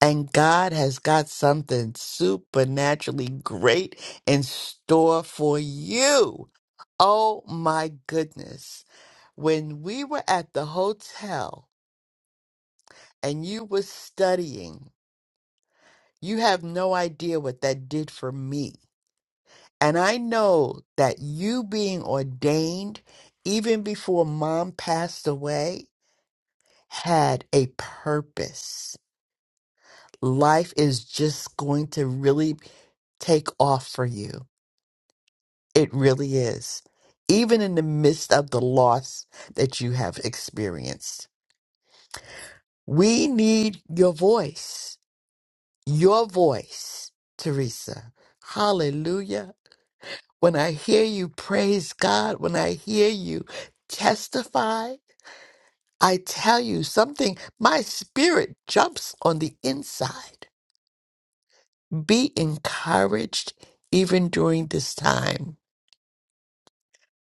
And God has got something supernaturally great in store for you. Oh my goodness. When we were at the hotel and you were studying, you have no idea what that did for me. And I know that you being ordained, even before mom passed away, had a purpose. Life is just going to really take off for you. It really is. Even in the midst of the loss that you have experienced, we need your voice, your voice, Teresa. Hallelujah. When I hear you praise God, when I hear you testify, I tell you something, my spirit jumps on the inside. Be encouraged even during this time.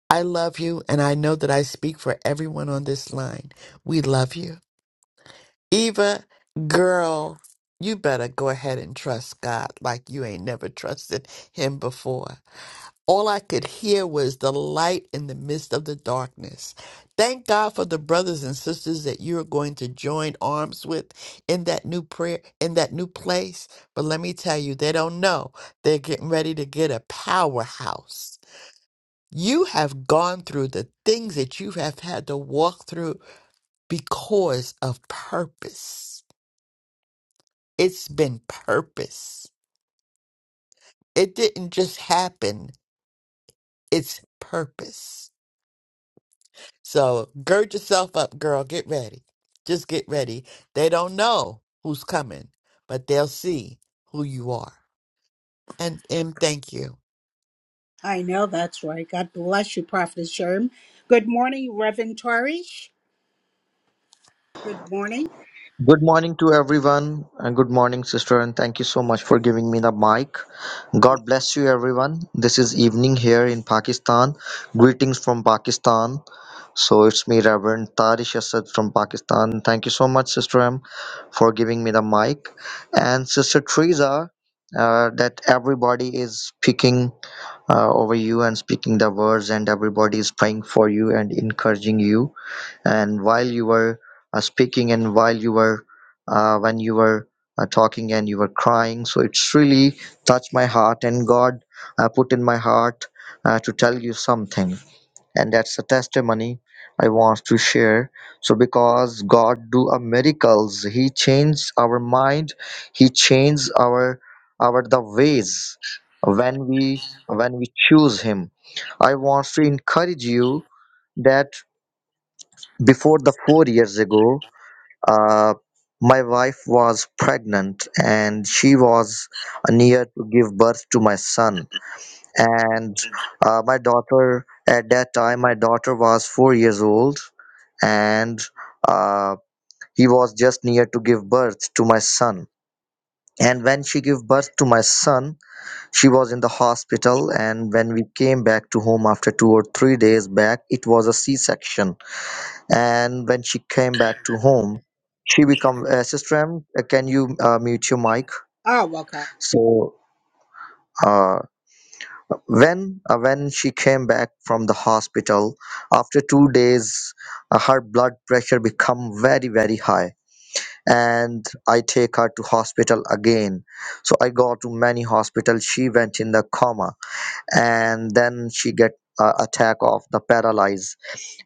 I love you, and I know that I speak for everyone on this line. We love you. Eva, girl, you better go ahead and trust God like you ain't never trusted Him before. All I could hear was the light in the midst of the darkness. Thank God for the brothers and sisters that you're going to join arms with in that new prayer, in that new place. But let me tell you, they don't know. They're getting ready to get a powerhouse. You have gone through the things that you have had to walk through because of purpose. It's been purpose. It didn't just happen, it's purpose. So gird yourself up, girl. Get ready. Just get ready. They don't know who's coming, but they'll see who you are. And and thank you.
I know that's right. God bless you, Prophet Sherm. Good morning, Reverend Tarish. Good morning.
Good morning to everyone, and good morning, sister, and thank you so much for giving me the mic. God bless you, everyone. This is evening here in Pakistan. Greetings from Pakistan. So it's me, Reverend Tarish Asad from Pakistan. Thank you so much, Sister M, for giving me the mic. And Sister Teresa, uh, that everybody is speaking uh, over you and speaking the words, and everybody is praying for you and encouraging you and while you were uh, speaking and while you were uh, when you were uh, talking and you were crying so it's really touched my heart and god uh, put in my heart uh, to tell you something and that's a testimony i want to share so because god do a miracles he changed our mind he changed our our the ways when we when we choose him i want to encourage you that before the four years ago, uh, my wife was pregnant and she was near to give birth to my son. And uh, my daughter, at that time, my daughter was four years old and uh, he was just near to give birth to my son. And when she gave birth to my son, she was in the hospital. And when we came back to home after two or three days back, it was a C section and when she came back to home she become uh, sister M, uh, can you uh, mute your mic
Ah, welcome.
so uh, when uh, when she came back from the hospital after two days uh, her blood pressure become very very high and i take her to hospital again so i go to many hospital. she went in the coma and then she get uh, attack of the paralyze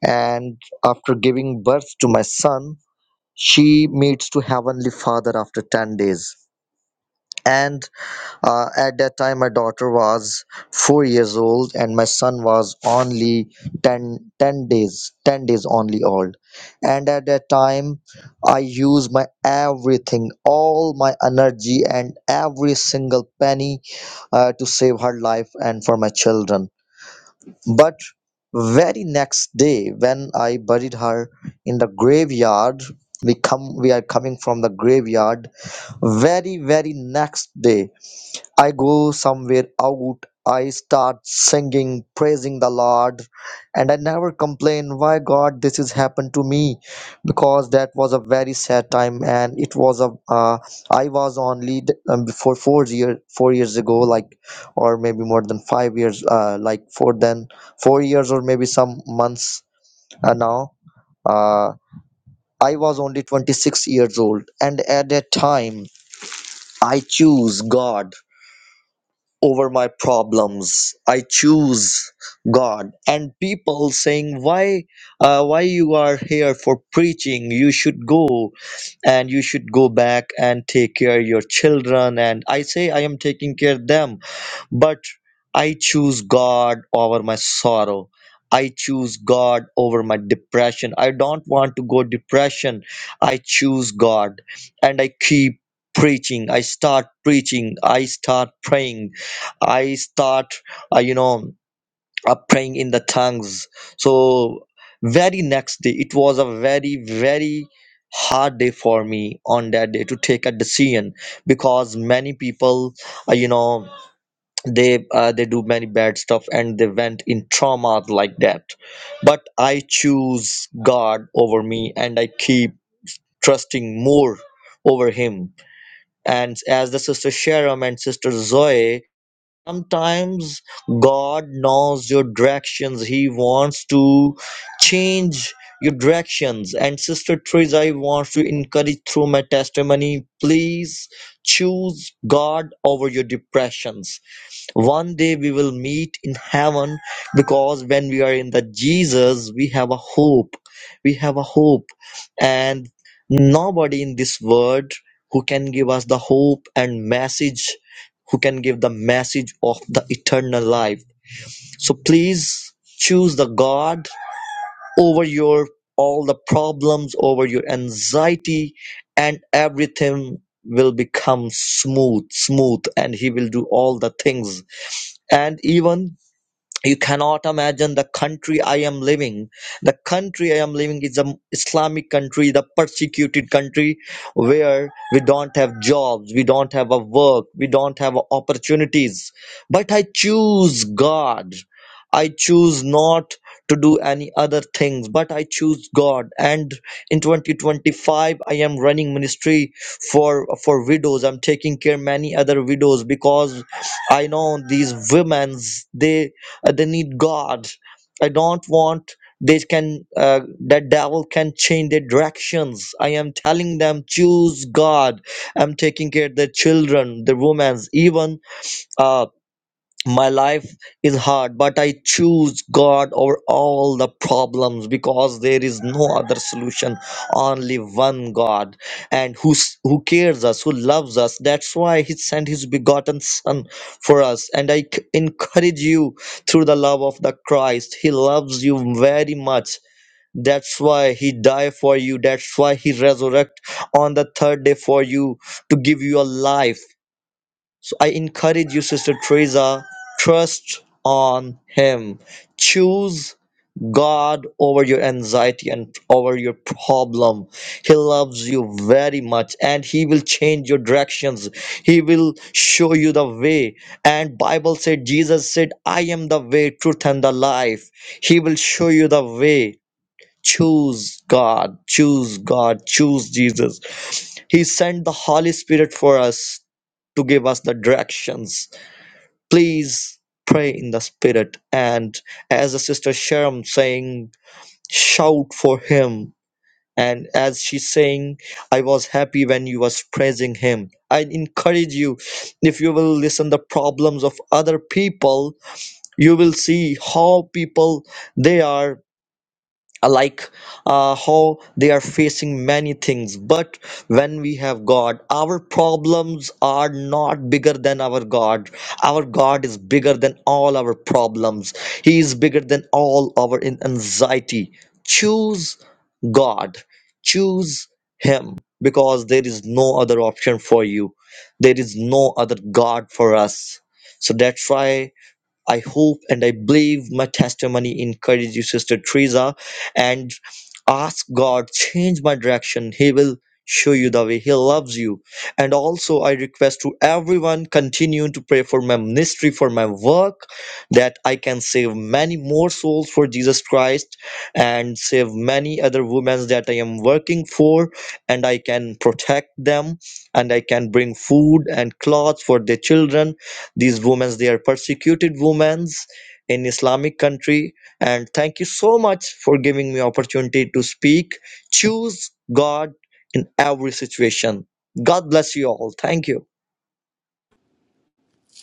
and after giving birth to my son she meets to heavenly father after 10 days and uh, at that time my daughter was 4 years old and my son was only 10 ten days 10 days only old and at that time i used my everything all my energy and every single penny uh, to save her life and for my children but very next day, when I buried her in the graveyard, we come we are coming from the graveyard. Very very next day, I go somewhere out, I start singing, praising the Lord, and I never complain why God this has happened to me because that was a very sad time and it was a uh, I was on lead um, before four year four years ago like or maybe more than five years uh, like four then four years or maybe some months uh, now uh, I was only 26 years old and at that time I choose God over my problems i choose god and people saying why uh, why you are here for preaching you should go and you should go back and take care your children and i say i am taking care them but I choose God over my sorrow. I choose God over my depression. I don't want to go depression. I choose God and I keep preaching. I start preaching. I start praying. I start, uh, you know, uh, praying in the tongues. So, very next day, it was a very, very hard day for me on that day to take a decision because many people, uh, you know, they uh, they do many bad stuff and they went in trauma like that but i choose god over me and i keep trusting more over him and as the sister sharon and sister zoe sometimes god knows your directions he wants to change your directions and sister Teresa, I want to encourage through my testimony please choose god over your depressions one day we will meet in heaven because when we are in the Jesus, we have a hope. We have a hope. And nobody in this world who can give us the hope and message, who can give the message of the eternal life. So please choose the God over your all the problems, over your anxiety, and everything will become smooth, smooth, and He will do all the things and even you cannot imagine the country I am living. The country I am living is an Islamic country, the persecuted country where we don't have jobs, we don't have a work, we don't have opportunities. But I choose God. I choose not to do any other things, but I choose God. And in 2025, I am running ministry for, for widows. I'm taking care many other widows because I know these women, They uh, they need god i don't want they can uh, that devil can change their directions i am telling them choose god i'm taking care of their children the women's even uh, my life is hard, but I choose God over all the problems because there is no other solution, only one God, and who s- who cares us, who loves us. That's why He sent His begotten Son for us. And I c- encourage you through the love of the Christ. He loves you very much. That's why He died for you. That's why He resurrected on the third day for you to give you a life. So I encourage you, Sister Teresa, trust on Him. Choose God over your anxiety and over your problem. He loves you very much and He will change your directions. He will show you the way. And Bible said, Jesus said, I am the way, truth, and the life. He will show you the way. Choose God, choose God, choose Jesus. He sent the Holy Spirit for us to give us the directions Please pray in the Spirit. And as the sister Sharon saying, shout for him. And as she's saying, I was happy when you was praising him. I encourage you, if you will listen the problems of other people, you will see how people they are like uh, how they are facing many things but when we have god our problems are not bigger than our god our god is bigger than all our problems he is bigger than all our in- anxiety choose god choose him because there is no other option for you there is no other god for us so that's why I hope and I believe my testimony encouraged you, Sister Teresa, and ask God, change my direction. He will show you the way. He loves you. And also, I request to everyone continue to pray for my ministry, for my work, that I can save many more souls for Jesus Christ and save many other women that I am working for, and I can protect them and I can bring food and clothes for their children these women they are persecuted women in islamic country and thank you so much for giving me opportunity to speak choose god in every situation god bless you all thank you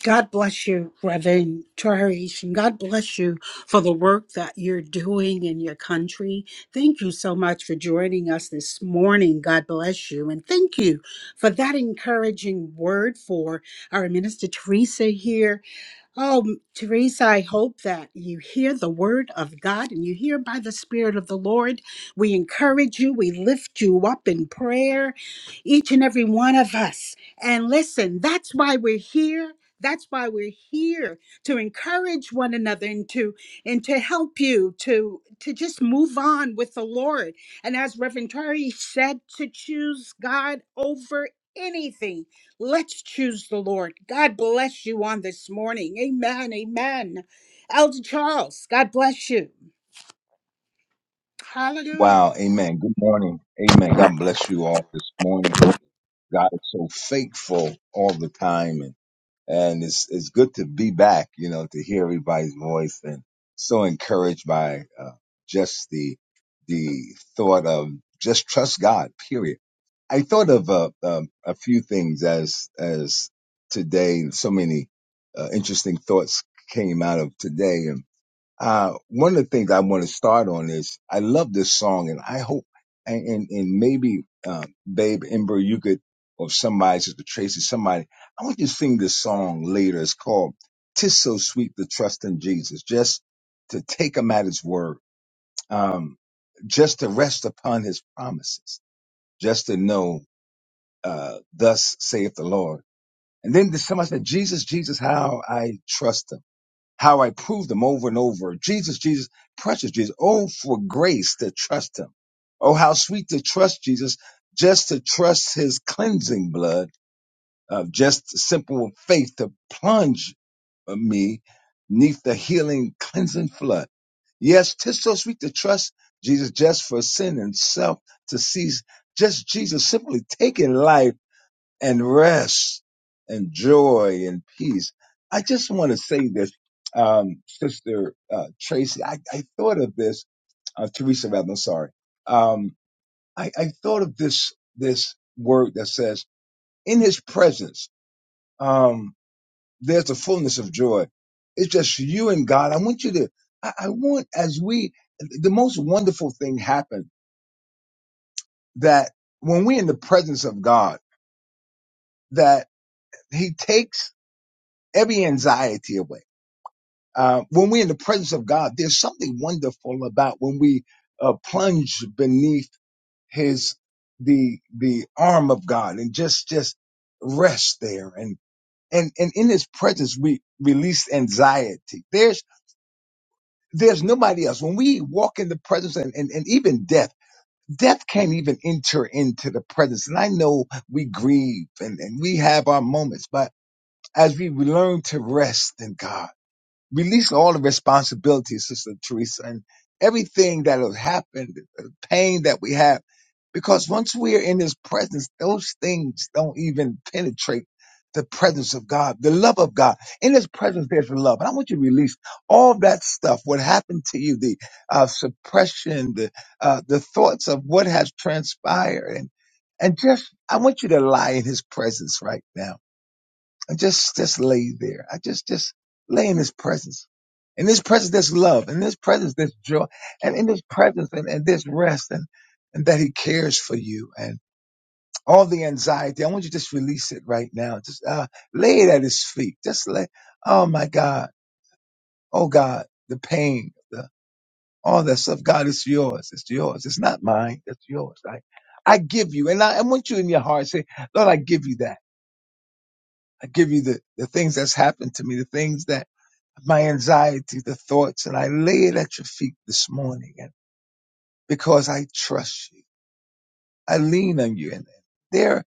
God bless you, Reverend Tarish, and God bless you for the work that you're doing in your country. Thank you so much for joining us this morning. God bless you. And thank you for that encouraging word for our Minister Teresa here Oh, Teresa, I hope that you hear the word of God and you hear by the Spirit of the Lord. We encourage you, we lift you up in prayer, each and every one of us. And listen, that's why we're here. That's why we're here to encourage one another and to and to help you to to just move on with the Lord. And as Reverend Tori said, to choose God over anything Let's choose the Lord. God bless you on this morning. Amen. Amen. Elder Charles, God bless you. Hallelujah.
Wow. Amen. Good morning. Amen. God bless you all this morning. God is so faithful all the time. And, and it's, it's good to be back, you know, to hear everybody's voice and so encouraged by uh, just the, the thought of just trust God, period. I thought of uh, um, a few things as, as today, so many uh, interesting thoughts came out of today. Uh, one of the things I want to start on is I love this song, and I hope and and, and maybe uh, Babe Ember, you could or somebody, Sister Tracy, somebody. I want you to sing this song later. It's called "Tis So Sweet to Trust in Jesus," just to take Him at His word, um, just to rest upon His promises, just to know, uh, "Thus saith the Lord." And then somebody said, "Jesus, Jesus, how I trust Him." how I proved them over and over. Jesus, Jesus, precious Jesus. Oh, for grace to trust him. Oh, how sweet to trust Jesus, just to trust his cleansing blood of just simple faith to plunge me neath the healing cleansing flood. Yes, 'tis so sweet to trust Jesus just for sin and self to cease. Just Jesus simply taking life and rest and joy and peace. I just want to say this, um, Sister uh, Tracy. I, I thought of this, uh, Teresa. Rather, I'm sorry. Um, I, I thought of this this word that says, "In His presence, um, there's a fullness of joy." It's just you and God. I want you to. I, I want as we the most wonderful thing happened that when we're in the presence of God, that He takes every anxiety away Uh, when we're in the presence of God, there's something wonderful about when we uh, plunge beneath His the the arm of God and just just rest there and and and in His presence we release anxiety. There's there's nobody else when we walk in the presence and and, and even death. Death can't even enter into the presence. And I know we grieve and, and we have our moments, but as we learn to rest in God releasing all the responsibilities, Sister Teresa, and everything that has happened, the pain that we have. Because once we are in his presence, those things don't even penetrate the presence of God, the love of God. In his presence, there's love. And I want you to release all that stuff, what happened to you, the uh, suppression, the, uh, the thoughts of what has transpired. And, and just, I want you to lie in his presence right now and just just lay there. I just just lay in His presence. In His presence, there's love. In His presence, there's joy. And in His presence, and, and there's rest, and and that He cares for you, and all the anxiety. I want you to just release it right now. Just uh, lay it at His feet. Just lay. Oh my God. Oh God. The pain. The all that stuff. God, it's yours. It's yours. It's not mine. It's yours. I I give you, and I, I want you in your heart to say, Lord, I give you that. I give you the, the things that's happened to me, the things that my anxiety, the thoughts, and I lay it at your feet this morning. And because I trust you, I lean on you. And there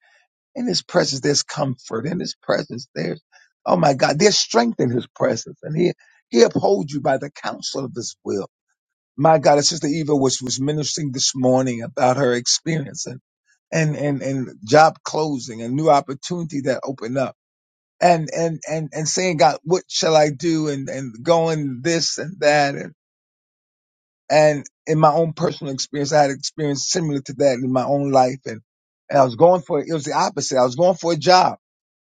in his presence, there's comfort. In his presence, there's, oh my God, there's strength in his presence. And he, he upholds you by the counsel of his will. My God, and Sister Eva was, was ministering this morning about her experience and, and, and, and job closing, a new opportunity that opened up. And, and, and, and saying, God, what shall I do? And, and going this and that. and. And in my own personal experience, I had experience similar to that in my own life. And, and I was going for, it was the opposite. I was going for a job.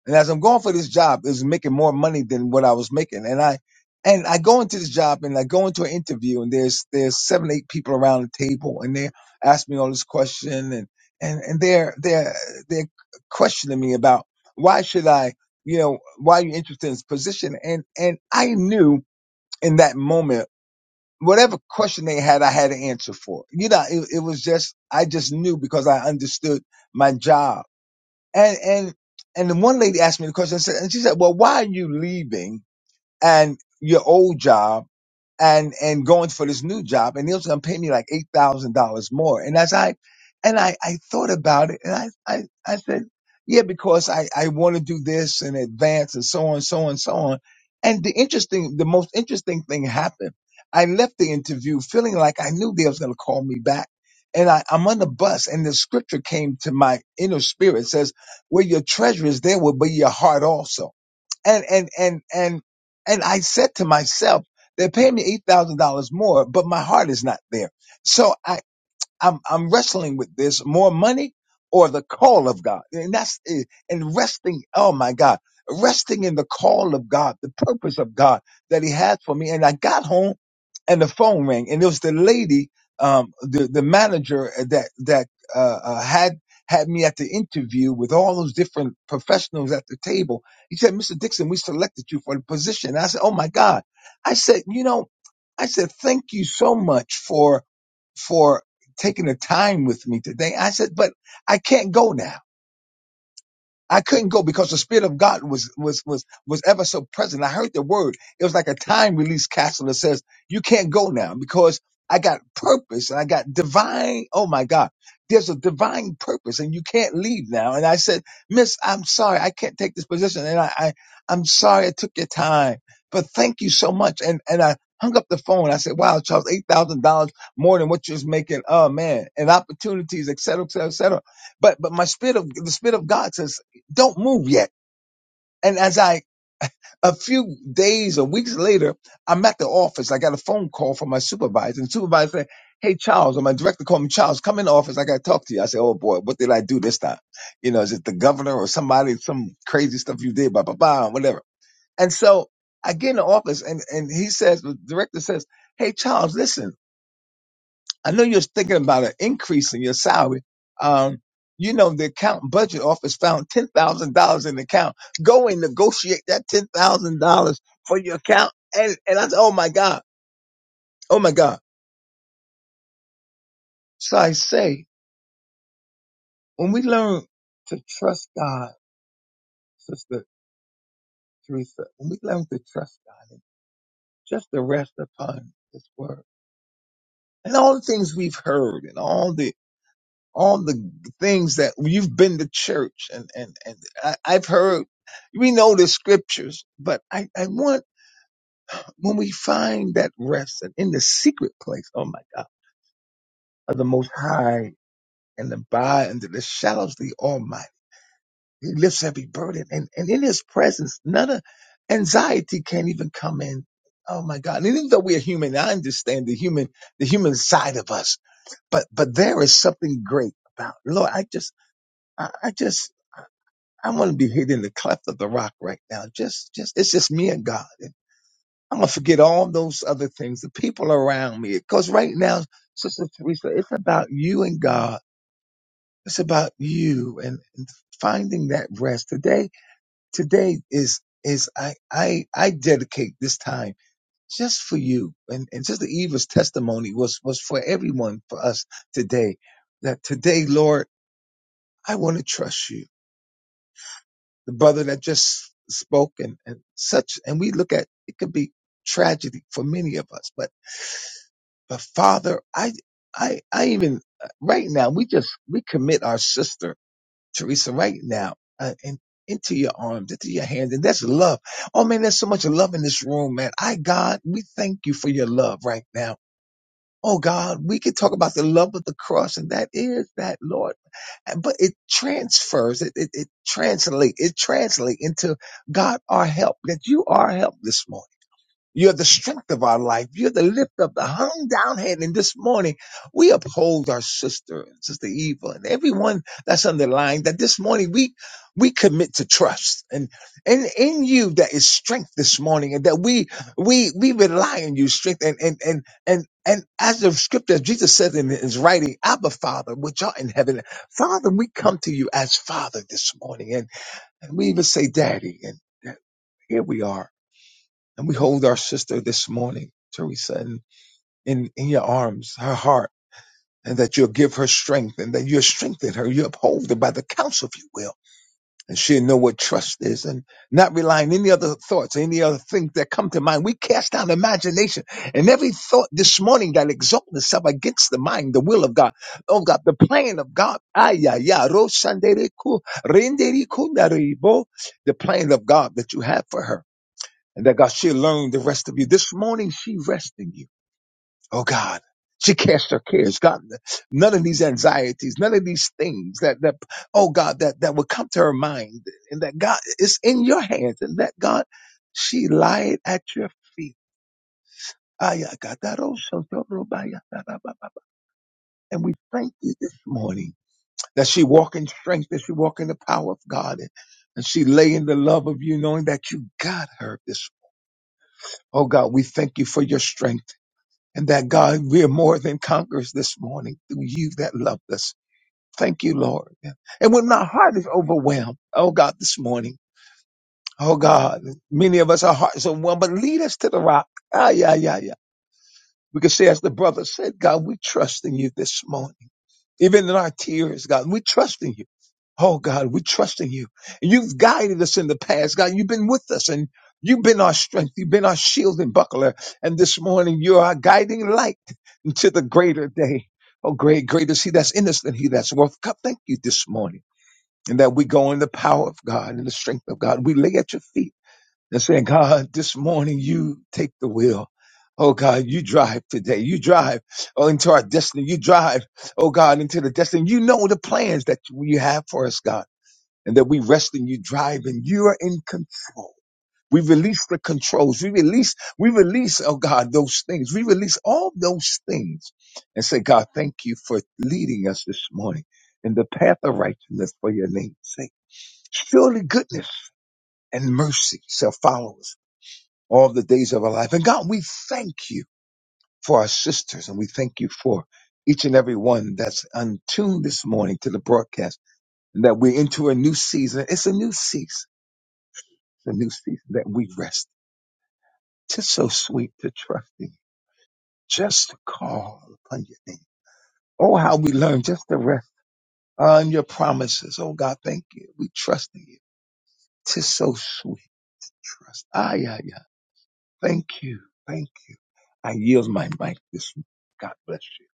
And as I'm going for this job, it was making more money than what I was making. And I, and I go into this job and I go into an interview and there's, there's seven, eight people around the table and they're asking me all this question and, and, and they're, they're, they're questioning me about why should I, you know, why are you interested in this position? And, and I knew in that moment whatever question they had, I had an answer for. You know, it, it was just I just knew because I understood my job. And and and the one lady asked me the question, and said- and she said, "Well, why are you leaving and your old job?" and and going for this new job and he was gonna pay me like eight thousand dollars more. And as I and I, I thought about it and I, I, I said, Yeah, because I, I wanna do this in advance and so on, so on, so on. And the interesting the most interesting thing happened. I left the interview feeling like I knew they was gonna call me back. And I, I'm on the bus and the scripture came to my inner spirit It says, Where your treasure is, there will be your heart also and and and and and I said to myself. They're paying me $8,000 more, but my heart is not there. So I, I'm I'm wrestling with this more money or the call of God. And that's it. and resting, oh my God, resting in the call of God, the purpose of God that He had for me. And I got home and the phone rang and it was the lady, um, the, the manager that, that, uh, uh, had, had me at the interview with all those different professionals at the table. He said, Mr. Dixon, we selected you for the position. And I said, Oh my God. I said, you know, I said, thank you so much for, for taking the time with me today. I said, but I can't go now. I couldn't go because the spirit of God was was was was ever so present. I heard the word. It was like a time release castle that says you can't go now because I got purpose and I got divine. Oh my God, there's a divine purpose and you can't leave now. And I said, Miss, I'm sorry, I can't take this position, and I, I I'm sorry I took your time, but thank you so much. And and I hung up the phone. I said, Wow, Charles, eight thousand dollars more than what you was making. Oh man, and opportunities, et cetera, et cetera, et cetera. But but my spirit of the spirit of God says don't move yet. And as I, a few days or weeks later, I'm at the office. I got a phone call from my supervisor. And the supervisor said, Hey, Charles, or my director called me, Charles, come in the office. I got to talk to you. I said, Oh boy, what did I do this time? You know, is it the governor or somebody, some crazy stuff you did, blah, blah, blah, and whatever. And so I get in the office and, and he says, the director says, Hey, Charles, listen. I know you're thinking about an increase in your salary. Um, you know, the account budget office found $10,000 in the account. Go and negotiate that $10,000 for your account. And, and I said, oh my God, oh my God. So I say, when we learn to trust God, Sister Teresa, when we learn to trust God and just to rest upon His word and all the things we've heard and all the all the things that you've been to church and and and I, I've heard. We know the scriptures, but I I want when we find that rest and in the secret place. Oh my God, of the Most High and abide under the shadows of the Almighty. He lifts every burden, and and in His presence, none of anxiety can't even come in. Oh my God! And even though we are human, I understand the human the human side of us, but but there is something great about it. Lord. I just I, I just I'm gonna be hidden in the cleft of the rock right now. Just, just, it's just me and God. And I'm gonna forget all those other things, the people around me. Cause right now, Sister Teresa, it's about you and God. It's about you and, and finding that rest. Today, today is, is I, I, I dedicate this time just for you. And, and just the Eva's testimony was, was for everyone, for us today. That today, Lord, I want to trust you. the brother that just spoke and, and such and we look at it could be tragedy for many of us but but father i i i even uh, right now we just we commit our sister teresa right now uh, and into your arms into your hands and that's love oh man there's so much love in this room man i god we thank you for your love right now Oh God, we can talk about the love of the cross, and that is that, Lord. But it transfers, it it, it translates, it translates into God our help, that you are our help this morning. You're the strength of our life. You're the lift of the hung down head. And this morning, we uphold our sister, Sister Eva, and everyone that's underlying that this morning we, we commit to trust and, and in you that is strength this morning and that we, we, we rely on you strength and, and, and, and, and as the scripture, as Jesus says in his writing, Abba Father, which art in heaven, Father, we come to you as Father this morning and, and we even say Daddy and here we are and we hold our sister this morning, Teresa, in, in, in your arms, her heart, and that you'll give her strength and that you'll strengthen her. You uphold her by the counsel of your will. And she'll know what trust is and not rely on any other thoughts, any other things that come to mind. We cast down imagination and every thought this morning that exalts itself against the mind, the will of God. Oh God, the plan of God. Ah, yeah, yeah. Ro sandere ku- rendere kunaribo. The plan of God that you have for her and that God, she'll learn the rest of you. This morning, she rests in you. Oh God. She cast her cares. God, none of these anxieties, none of these things that, that, oh God, that, that would come to her mind and that God, it's in your hands and that God, she lie it at your feet. And we thank you this morning that she walk in strength, that she walk in the power of God and, and she lay in the love of you knowing that you got her this. Oh God, we thank you for your strength. and that God, we are more than conquerors this morning through you that loved us. Thank you, Lord. And when my heart is overwhelmed, oh God, this morning, oh God, many of us, our hearts are overwhelmed, but lead us to the rock. Ah, yeah, yeah, yeah. We can say, as the brother said, God, we trust in you this morning even in our tears, God. We trust in you. Oh God, we trust in you. You've guided us in the past, God. You've been with us and you've been our strength. You've been our shield and buckler. And this morning you're our guiding light into the greater day. Oh great, great is he that's in us than he that's worth. God, thank you this morning. And that we go in the power of God and the strength of God. We lay at your feet and saying, God, this morning you take the wheel. Oh God, you drive today. You drive oh, into our destiny. You drive, oh God, into the destiny. You know the plans that you have for us, God, and that we rest in you, drive, and you are in control. We release the controls. We release, we release, oh God, those things. We release all those things and say, God, thank you for leading us this morning in the path of righteousness for your name's sake. Surely goodness and mercy shall follow us all the days of our life. And God, we thank you for our sisters and we thank you for each and every one that's untuned this morning to the broadcast and that we're into a new season. It's a new season, it's a new season that we rest. It's so sweet to trust in you, just to call upon your name. Oh, how we learn just to rest on your promises. Oh God, thank you. We trust in you. Tis so sweet to trust. Ah, yeah, yeah. Thank you. Thank you. I yield my mic this morning. God bless you.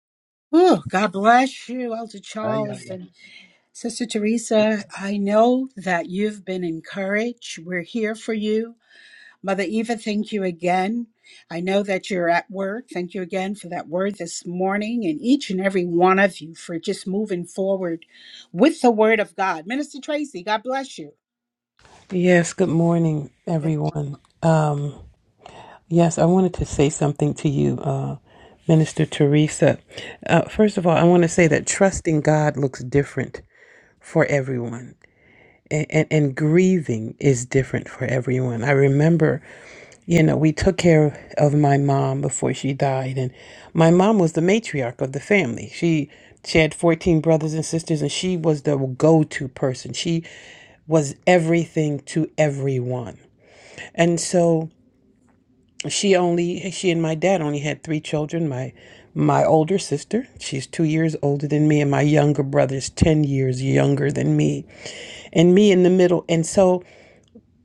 Oh, God bless you, Elder
Ah, yeah,
Charles
yeah. yeah.
and Sister
Aye,
Teresa. I know that you've been encouraged. We're here for you. Mother Eva, thank you again. I know that you're at work. Thank you again for that word this morning and each and every one of you for just moving forward with the word of God. Minister Tracy, God bless you.
Yes, good morning, everyone. Um, yes, I wanted to say something to you, uh, Minister Teresa. Uh, first of all, I want to say that trusting God looks different for everyone, and, and, and grieving is different for everyone. I remember, you know, we took care of my mom before she died, and my mom was the matriarch of the family. She she had 14 brothers and sisters, and she was the go to person. She was everything to everyone and so she only she and my dad only had three children. My my older sister, she's 2 years older than me and my younger brother's 10 years younger than me and me in the middle. And so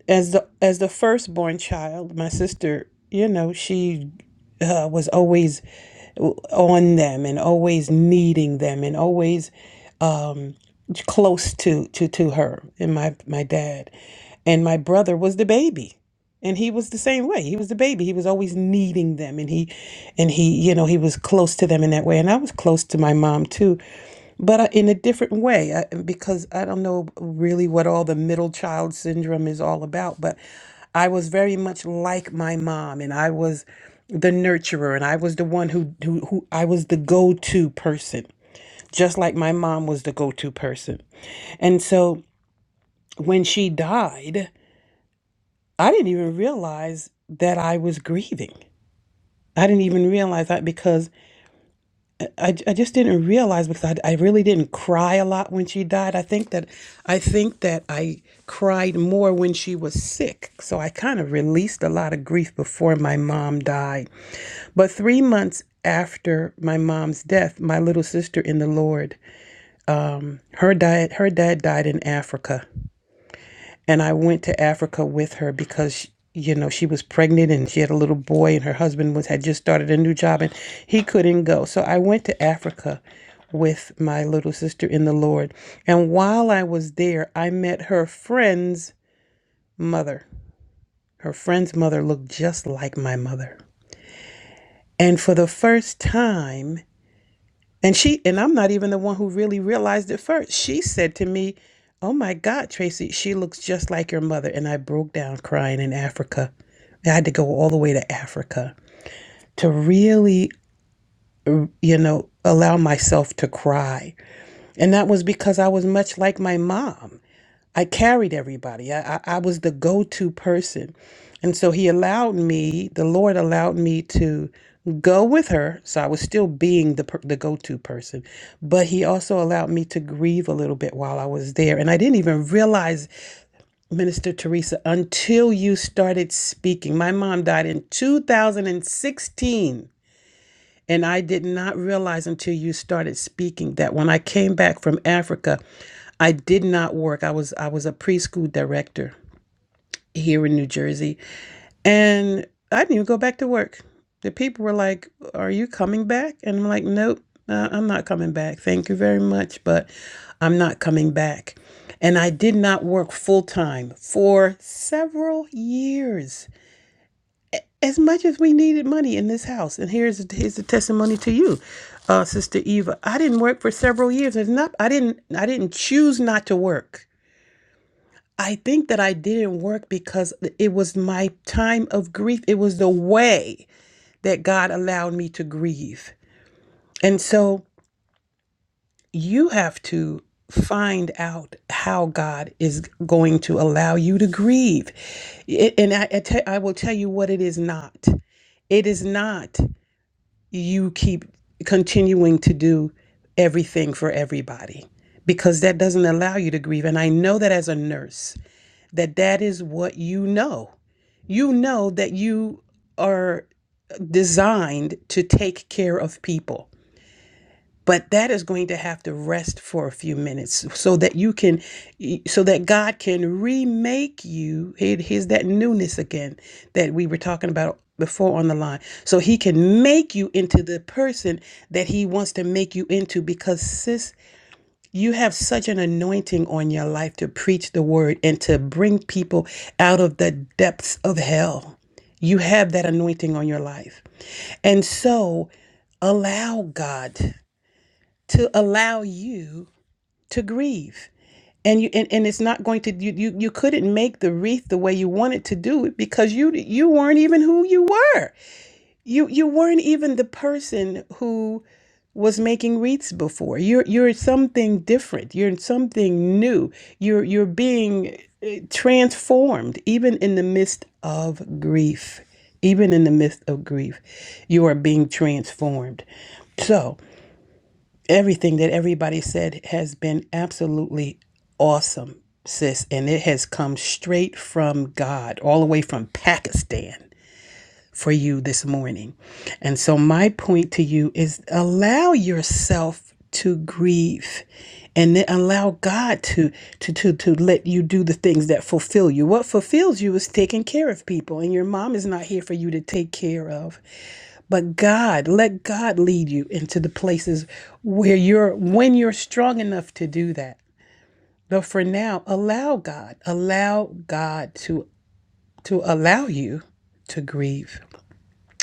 as the as the firstborn child, my sister, you know, she uh, was always on them and always needing them and always um, close to to to her and my my dad and my brother was the baby and he was the same way he was the baby he was always needing them and he and he you know he was close to them in that way and i was close to my mom too but I- in a different way I, because i don't know really what all the middle child syndrome is all about but i was very much like my mom and i was the nurturer and i was the one who who, who i was the go-to person just like my mom was the go-to person and so when she died, I didn't even realize that I was grieving. I didn't even realize that because I, I just didn't realize because I, I really didn't cry a lot when she died. I think that I think that I cried more when she was sick. So I kind of released a lot of grief before my mom died. But three months after my mom's death, my little sister in the Lord, her died her dad died in Africa and I went to Africa with her because you know she was pregnant and she had a little boy and her husband was had just started a new job and he couldn't go. So I went to Africa with my little sister in the Lord. And while I was there, I met her friend's mother. Her friend's mother looked just like my mother. And for the first time, And she and I'm not even the one who really realized it first. She said to me, "Oh my God, Tracy, she looks just like your mother." And I broke down crying in Africa. I had to go all the way to Africa to really, you know, allow myself to cry. And that was because I was much like my mom. I carried everybody. I, I, I was the go to person. And so he allowed me, the Lord allowed me to go with her. So I was still being the, per- the go to person. But he also allowed me to grieve a little bit while I was there. And I didn't even realize, Minister Teresa, until you started speaking. My mom died in 2016. And I did not realize until you started speaking that when I came back from Africa, I did not work. I was I was a preschool director here in New Jersey. And I didn't even go back to work. The people were like, Are you coming back? And I'm like, Nope, uh, I'm not coming back. Thank you very much, but I'm not coming back. And I did not work full time for several years, as much as we needed money in this house. And here's here's the testimony to you, uh, Sister Eva. I didn't work for several years. It's not I didn't I didn't choose not to work. I think that I didn't work because it was my time of grief. It was the way that God allowed me to grieve. And so you have to find out how God is going to allow you to grieve. It- and I, I te- I will tell you what it is not. It is not you keep continuing to do everything for everybody because that doesn't allow you to grieve. And I know that as a nurse. that that is what you know. You know that you are designed to take care of people. But that is going to have to rest for a few minutes so that you can, so that God can remake you. Here- Here's that newness again that we were talking about before on the line. So He can make you into the person that He wants to make you into because, sis, you have such an anointing on your life to preach the word and to bring people out of the depths of hell. You have that anointing on your life. And so allow God to allow you to grieve. And you and, and it's not going to you, you you couldn't make the wreath the way you wanted to do it because you you weren't even who you were. You you weren't even the person who was making wreaths before. You're you're something different. You're something new. You're you're being eh, transformed even in the midst of grief. Even in the midst of grief, you are being transformed. So, everything that everybody said has been absolutely awesome, sis, and it has come straight from God, all the way from Pakistan for you this morning. And so, my point to you is allow yourself to grieve and then allow God to, to, to, to let you do the things that fulfill you. What fulfills you is taking care of people, and your mom is not here for you to take care of. But God, let God lead you into the places where you're, when you're strong enough to do that. But for now, allow God, allow God to, to allow you to grieve.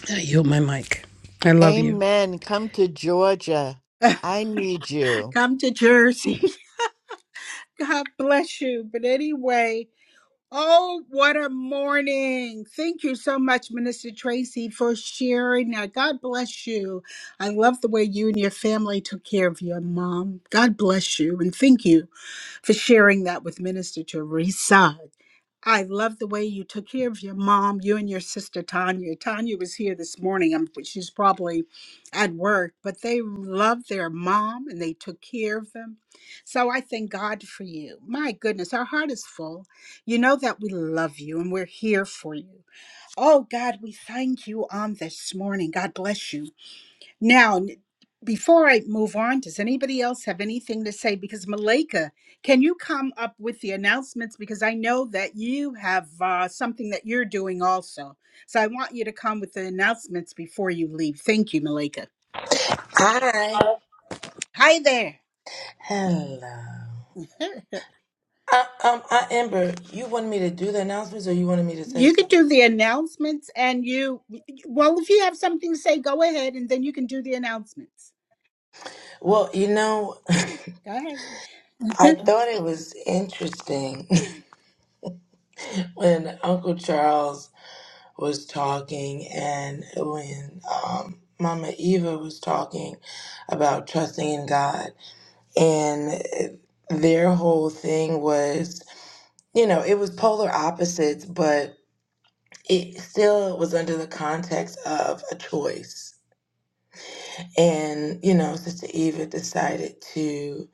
I yield my mic. I love you.
Amen. Come to Georgia. I need you.
Come to Jersey. God bless you. But anyway, oh, what a morning. Thank you so much, Minister Tracy, for sharing that. God bless you. I love the way you and your family took care of your mom. God bless you and thank you for sharing that with Minister Teresa. I love the way you took care of your mom, you and your sister Tanya. Tanya was here this morning. I'm, she's probably at work, but they loved their mom and they took care of them. So I thank God for you. My goodness, our heart is full. You know that we love you and we're here for you. Oh God, we thank you on this morning. God bless you. Now, n- before I move on, does anybody else have anything to say? Because Malika, can you come up with the announcements? Because I know that you have uh, something that you're doing also. So I want you to come with the announcements before you leave. Thank you, Malika.
Hi.
Hi there.
Hello. I, um, I, Amber, you wanted me to do the announcements or you wanted me to say
You can
something?
do the announcements and you, well, if you have something to say, go ahead and then you can do the announcements.
Well, you know,
Go ahead.
I thought it was interesting when Uncle Charles was talking and when um, Mama Eva was talking about trusting in God. And their whole thing was, you know, it was polar opposites, but it still was under the context of a choice And, you know, Sister Eva decided to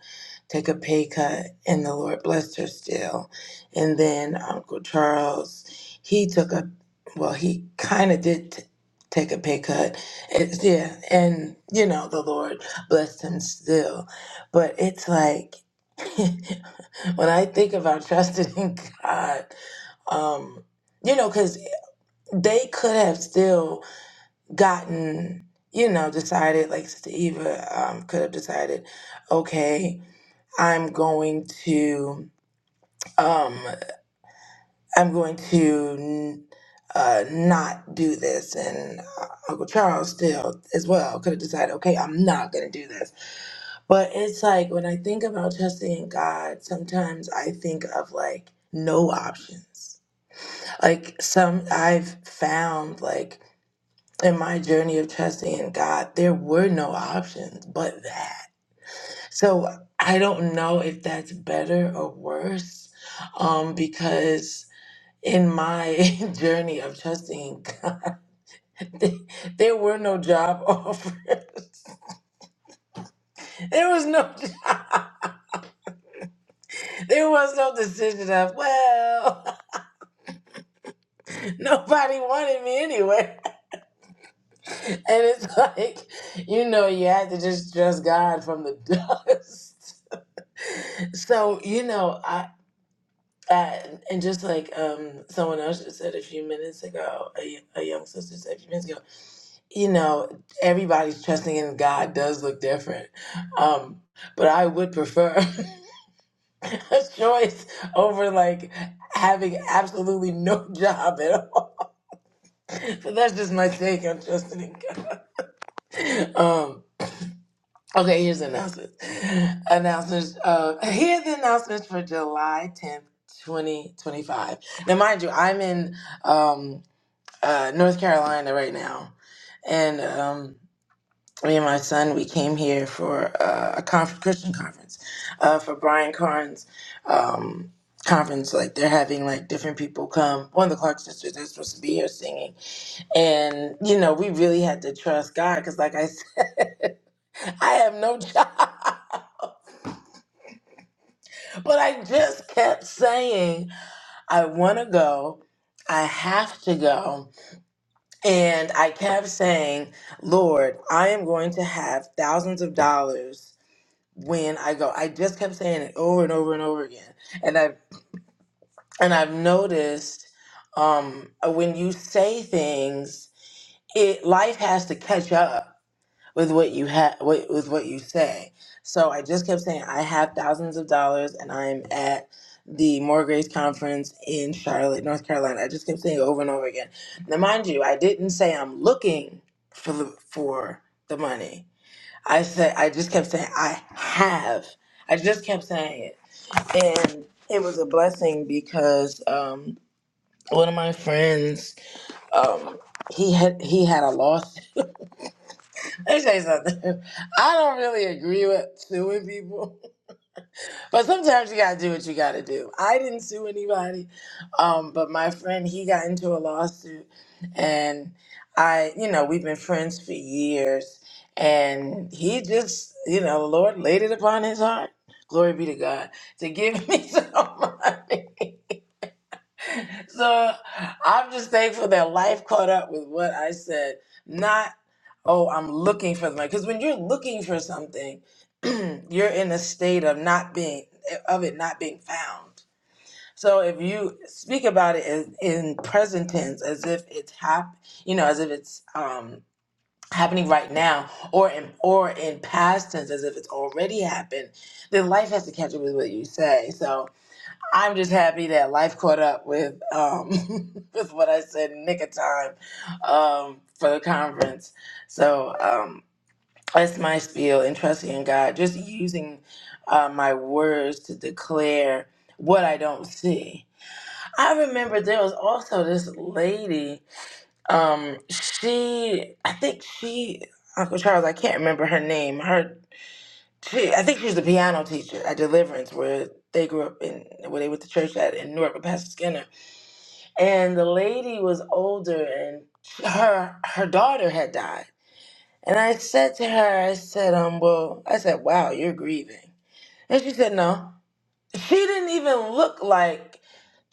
take a pay cut, and the Lord blessed her still. And then Uncle Charles, he took a, well, he kind of did t- take a pay cut. It's, yeah. And, you know, the Lord blessed him still. But it's like, when I think about trusting in God, um, you know, because they could have still gotten, you know, decided, like Sister Eva um, could have decided, okay, I'm going to, um, I'm going to uh, not do this. And uh, Uncle Charles still as well could have decided, okay, I'm not going to do this. But it's like when I think about trusting in God, sometimes I think of like no options. Like some I've found like in my journey of trusting in God, there were no options but that. So I don't know if that's better or worse um, because in my journey of trusting in God, there were no job offers. There was no job. There was no decision of, well, nobody wanted me anyway. And it's like, you know, you had to just trust God from the dust. So, you know, that and just like um someone else just said a few minutes ago a, y- a young sister said a few minutes ago you know everybody's trusting in god does look different um but i would prefer a choice over like having absolutely no job at all but that's just my take on trusting in god um okay here's the announcements announcements uh here are the announcements for july 10th 2025 now mind you i'm in um uh, North Carolina right now, and um, me and my son we came here for uh, a conf- Christian conference uh, for Brian Carnes um, conference. Like they're having like different people come. One of the Clark sisters they're supposed to be here singing, and you know we really had to trust God because, like I said, I have no job, but I just kept saying I want to go. I have to go And I kept saying, Lord, I am going to have thousands of dollars when I go. I just kept saying it over and over and over again. And I've and I've noticed um, when you say things, it life has to catch up with what you have with, with what you say so i just kept saying i have thousands of dollars and i'm at the more grace conference in charlotte north carolina i just kept saying it over and over again now mind you i didn't say i'm looking for the, for the money i said i just kept saying i have i just kept saying it and it was a blessing because um, one of my friends um, he had he had a loss let me tell you something. I don't really agree with suing people, but sometimes you gotta do what you gotta do. I didn't sue anybody, um, but my friend he got into a lawsuit, and I, you know, we've been friends for years, and he just, you know, the Lord laid it upon his heart. Glory be to God to give me some money. So I'm just thankful that life caught up with what I said. Not, oh, I'm looking for the money. Because when you're looking for something, you're in a state of not being of it not being found. So if you speak about it as, in present tense, as if it's hap, you know, as if it's um, happening right now, or in or in past tense, as if it's already happened, then life has to catch up with what you say. So I'm just happy that life caught up with um, with what I said in nick of time um, for the conference. So um, that's my spiel and trusting in God, just using uh, my words to declare what I don't see. I remember there was also this lady. Um, she, I think she, Uncle Charles, I can't remember her name. Her, she, I think she was a piano teacher at Deliverance, where they grew up in, where they went to church at in Newark with Pastor Skinner and the lady was older and her her daughter had died and i said to her i said um well i said wow you're grieving and she said no she didn't even look like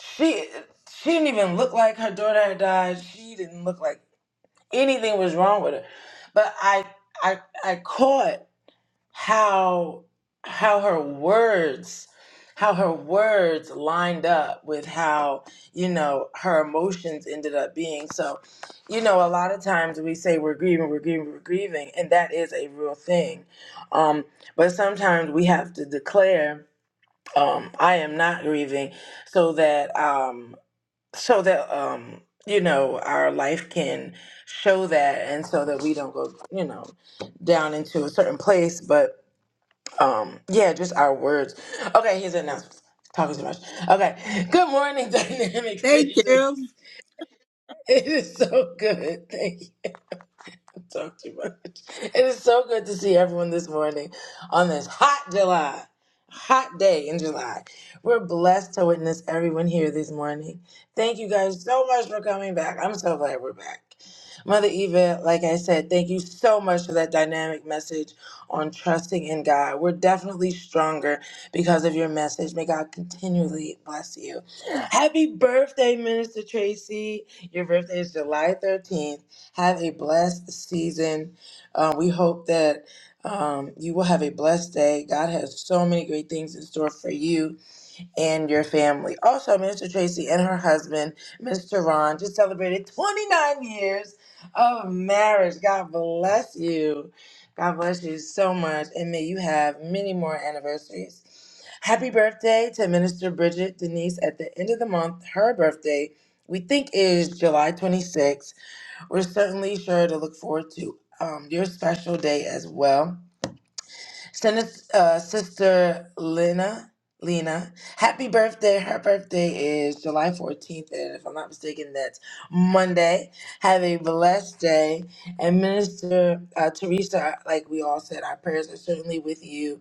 she she didn't even look like her daughter had died she didn't look like anything was wrong with her but i i i caught how how her words how her words lined up with how you know her emotions ended up being so you know a lot of times we say we're grieving we're grieving we're grieving and that is a real thing um but sometimes we have to declare um i am not grieving so that um so that um you know our life can show that and so that we don't go you know down into a certain place but um yeah just our words okay here's the announcement talking too much okay good morning dynamic
Thank
racers
you.
it is so good thank you Talk too much. It is so good to see everyone this morning on this hot July, hot day in July. We're blessed to witness everyone here this morning. Thank you guys so much for coming back. I'm so glad we're back. Mother Eva, like I said, thank you so much for that dynamic message on trusting in God. We're definitely stronger because of your message. May God continually bless you. Happy birthday, Minister Tracy. Your birthday is July 13th. Have a blessed season. Uh, we hope that um, you will have a blessed day. God has so many great things in store for you and your family. Also, Minister Tracy and her husband, Mr. Ron, just celebrated 29 years of marriage. God bless you. God bless you so much. And may you have many more anniversaries. Happy birthday to Minister Bridget Denise at the end of the month. Her birthday, we think, is July 26th. We're certainly sure to look forward to um, your special day as well. Send us uh, Sister Lena. Lena, happy birthday. Her birthday is July 14th, and if I'm not mistaken, that's Monday. Have a blessed day. And Minister uh, Teresa, like we all said, our prayers are certainly with you.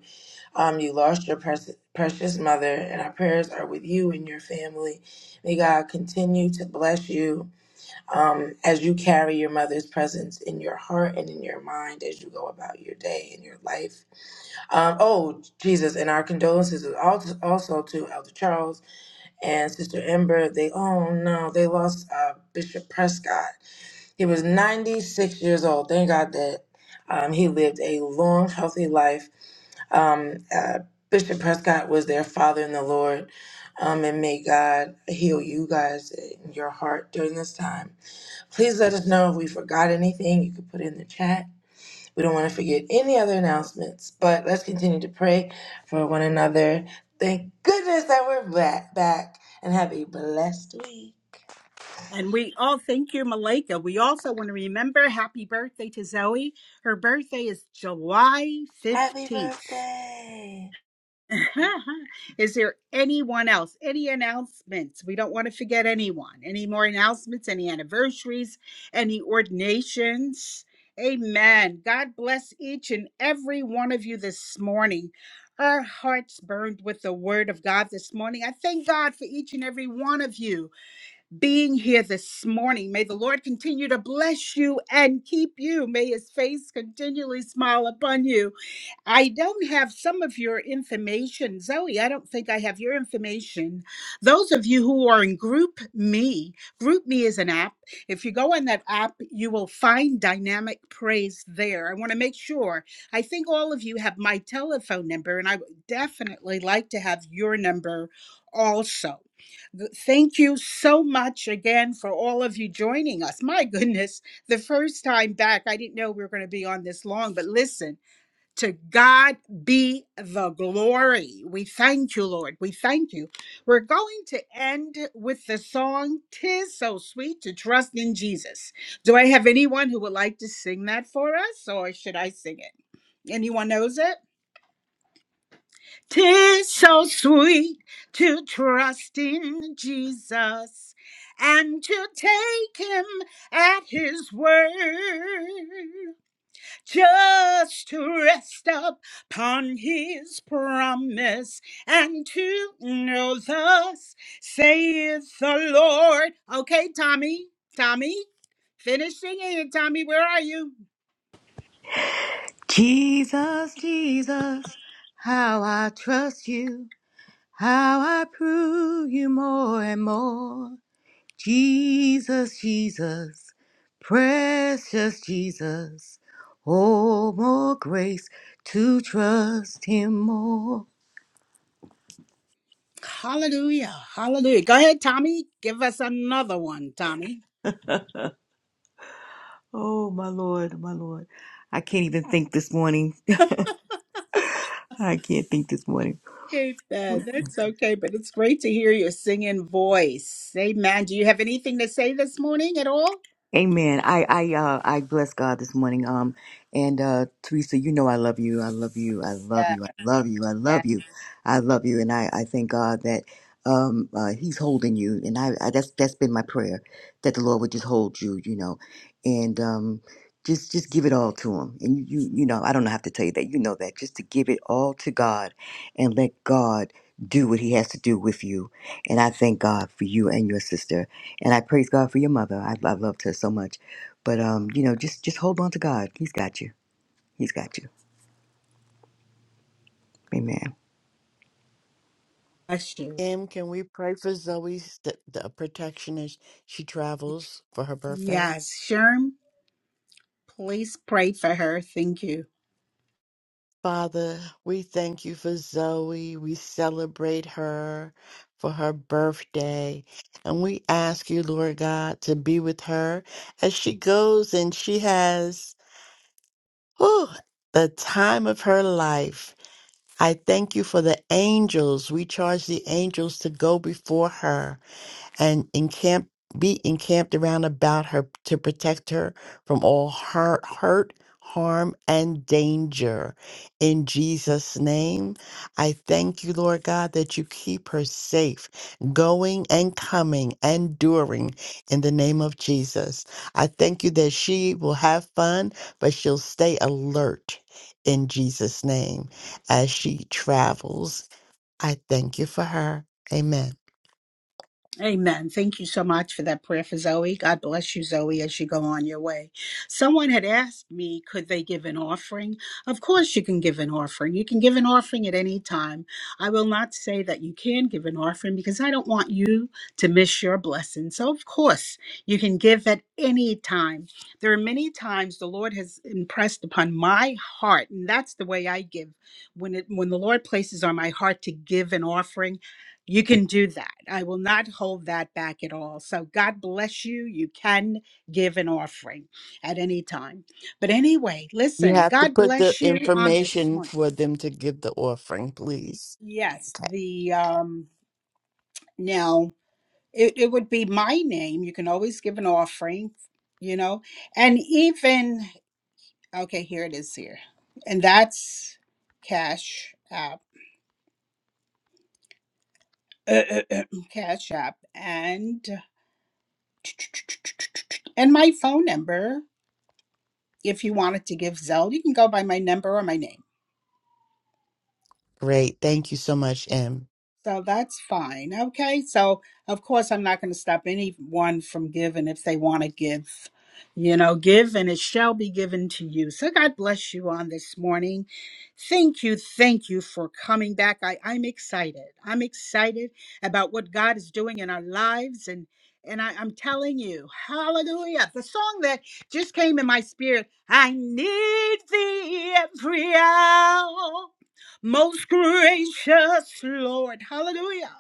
Um, you lost your pres- precious mother, and our prayers are with you and your family. May God continue to bless you um, as you carry your mother's presence in your heart and in your mind as you go about your day and your life. Um, oh, Jesus, and our condolences is al- also to Elder Charles and Sister Ember. They, oh no, they lost uh, Bishop Prescott. He was 96 years old. Thank God that um, he lived a long, healthy life. Um, uh, Bishop Prescott was their father in the Lord. Um, and may God heal you guys in your heart during this time. Please let us know if we forgot anything. You can put it in the chat. We don't want to forget any other announcements, but let's continue to pray for one another. Thank goodness that we're back, back and have a blessed week.
And we all thank you, Malika. We also want to remember happy birthday to Zoe. Her birthday is July
Happy
15th.
birthday.
is there anyone else? Any announcements? We don't want to forget anyone. Any more announcements? Any anniversaries? Any ordinations? Amen. God bless each and every one of you this morning. Our hearts burned with the word of God this morning. I thank God for each and every one of you being here this morning. May the Lord continue to bless you and keep you. May his face continually smile upon you. I don't have some of your information. Zoe, I don't think I have your information. Those of you who are in Group Me, Group Me is an app. If you go on that app, you will find Dynamic Praise there. I want to make sure. I think all of you have my telephone number, and I would definitely like to have your number also. Th- Thank you so much again for all of you joining us. My goodness, the first time back, I didn't know we were going to be on this long, but listen. To God be the glory. We thank you, Lord. We thank you. We're going to end with the song, Tis So Sweet to Trust in Jesus. Do I have anyone who would like to sing that for us, or should I sing it? Anyone knows it? Tis so sweet to trust in Jesus and to take him at his word just to rest upon his promise and to know thus saith the Lord. Okay, Tommy, Tommy, finish singing it, Tommy. Where are you?
Jesus, Jesus, how I trust you, how I prove you more and more. Jesus, Jesus, precious Jesus, oh, more grace to trust him more.
Hallelujah, hallelujah. Go ahead, Tommy. Give us another one, Tommy.
Oh, my Lord, my Lord. I can't even think this morning. I can't think this morning.
Okay, Dad, that's okay, but it's great to hear your singing voice. Amen. Do you have anything to say this morning at all?
Amen. I I uh I bless God this morning. Um and uh Teresa, you know I love you. I love you. I love
Yeah,
you. I love you. I
yeah.
love you. I love you. And I I thank God that um uh he's holding you and I, I that's that's been my prayer that the Lord would just hold you, you know. And um just just give it all to him. And you you, you know, I don't have to tell you that. You know that. Just to give it all to God and let God do what he has to do with you. And I thank God for you and your sister and I praise God for your mother. I, I loved her so much, but um, you know, just just hold on to God. He's got you. He's got you. Amen.
Bless you.
Em, can we pray for Zoe's the, the protection as she travels for her birthday?
Yes, Sherm. Please pray for her. Thank you.
Father, we thank you for Zoe. We celebrate her for her birthday. And we ask you, Lord God, to be with her as she goes and she has whew, the time of her life. I thank you for the angels. We charge the angels to go before her and encamp be encamped around about her to protect her from all her hurt, harm, and danger. In Jesus' name, I thank you, Lord God, that you keep her safe, going and coming and during in the name of Jesus. I thank you that she will have fun, but she'll stay alert in Jesus' name as she travels. I thank you for her. Amen.
Amen. Thank you so much for that prayer for Zoe. God bless you, Zoe, as you go on your way. Someone had asked me, could they give an offering? Of course, you can give an offering. You can give an offering at any time. I will not say that you can give an offering because I don't want you to miss your blessing. So, of course, you can give at any time. There are many times the Lord has impressed upon my heart, and that's the way I give. When it when the Lord places on my heart to give an offering, You can do that. I will not hold that back at all. So God bless you. You can give an offering at any time. But anyway,
You
listen,
have to
God
put the
bless you on this
information
one.
for them to give the offering, please.
Yes,
Okay.
the um now it, it would be my name. You can always give an offering, you know. And even okay, here it is here. And that's Cash App. Cash App and and my phone number if you wanted to give Zell, you can go by my number or my name.
Great. Thank you so much, M.
So that's fine. Okay. So, of course, I'm not going to stop anyone from giving if they want to give. You know, give and it shall be given to you. So, God bless you on this morning. Thank you. Thank you for coming back. I, I'm excited. I'm excited about what God is doing in our lives. And and I, I'm telling you, hallelujah. The song that just came in my spirit I need thee every hour. Most gracious Lord. Hallelujah.